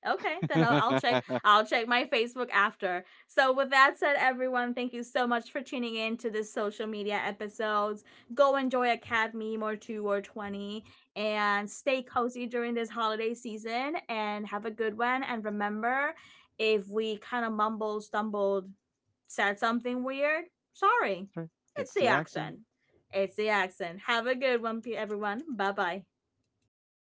Okay, then I'll check.
*laughs*
I'll check my Facebook after. So, with that said, everyone, thank you so much for tuning in to this social media episodes. Go enjoy a cat meme, or two, or twenty, and stay cozy during this holiday season. And have a good one. And remember, if we kind of mumbled, stumbled, said something weird, sorry.
Sorry.
It's
It's
the
the
accent.
accent.
It's the accent. Have a good one, everyone. Bye bye.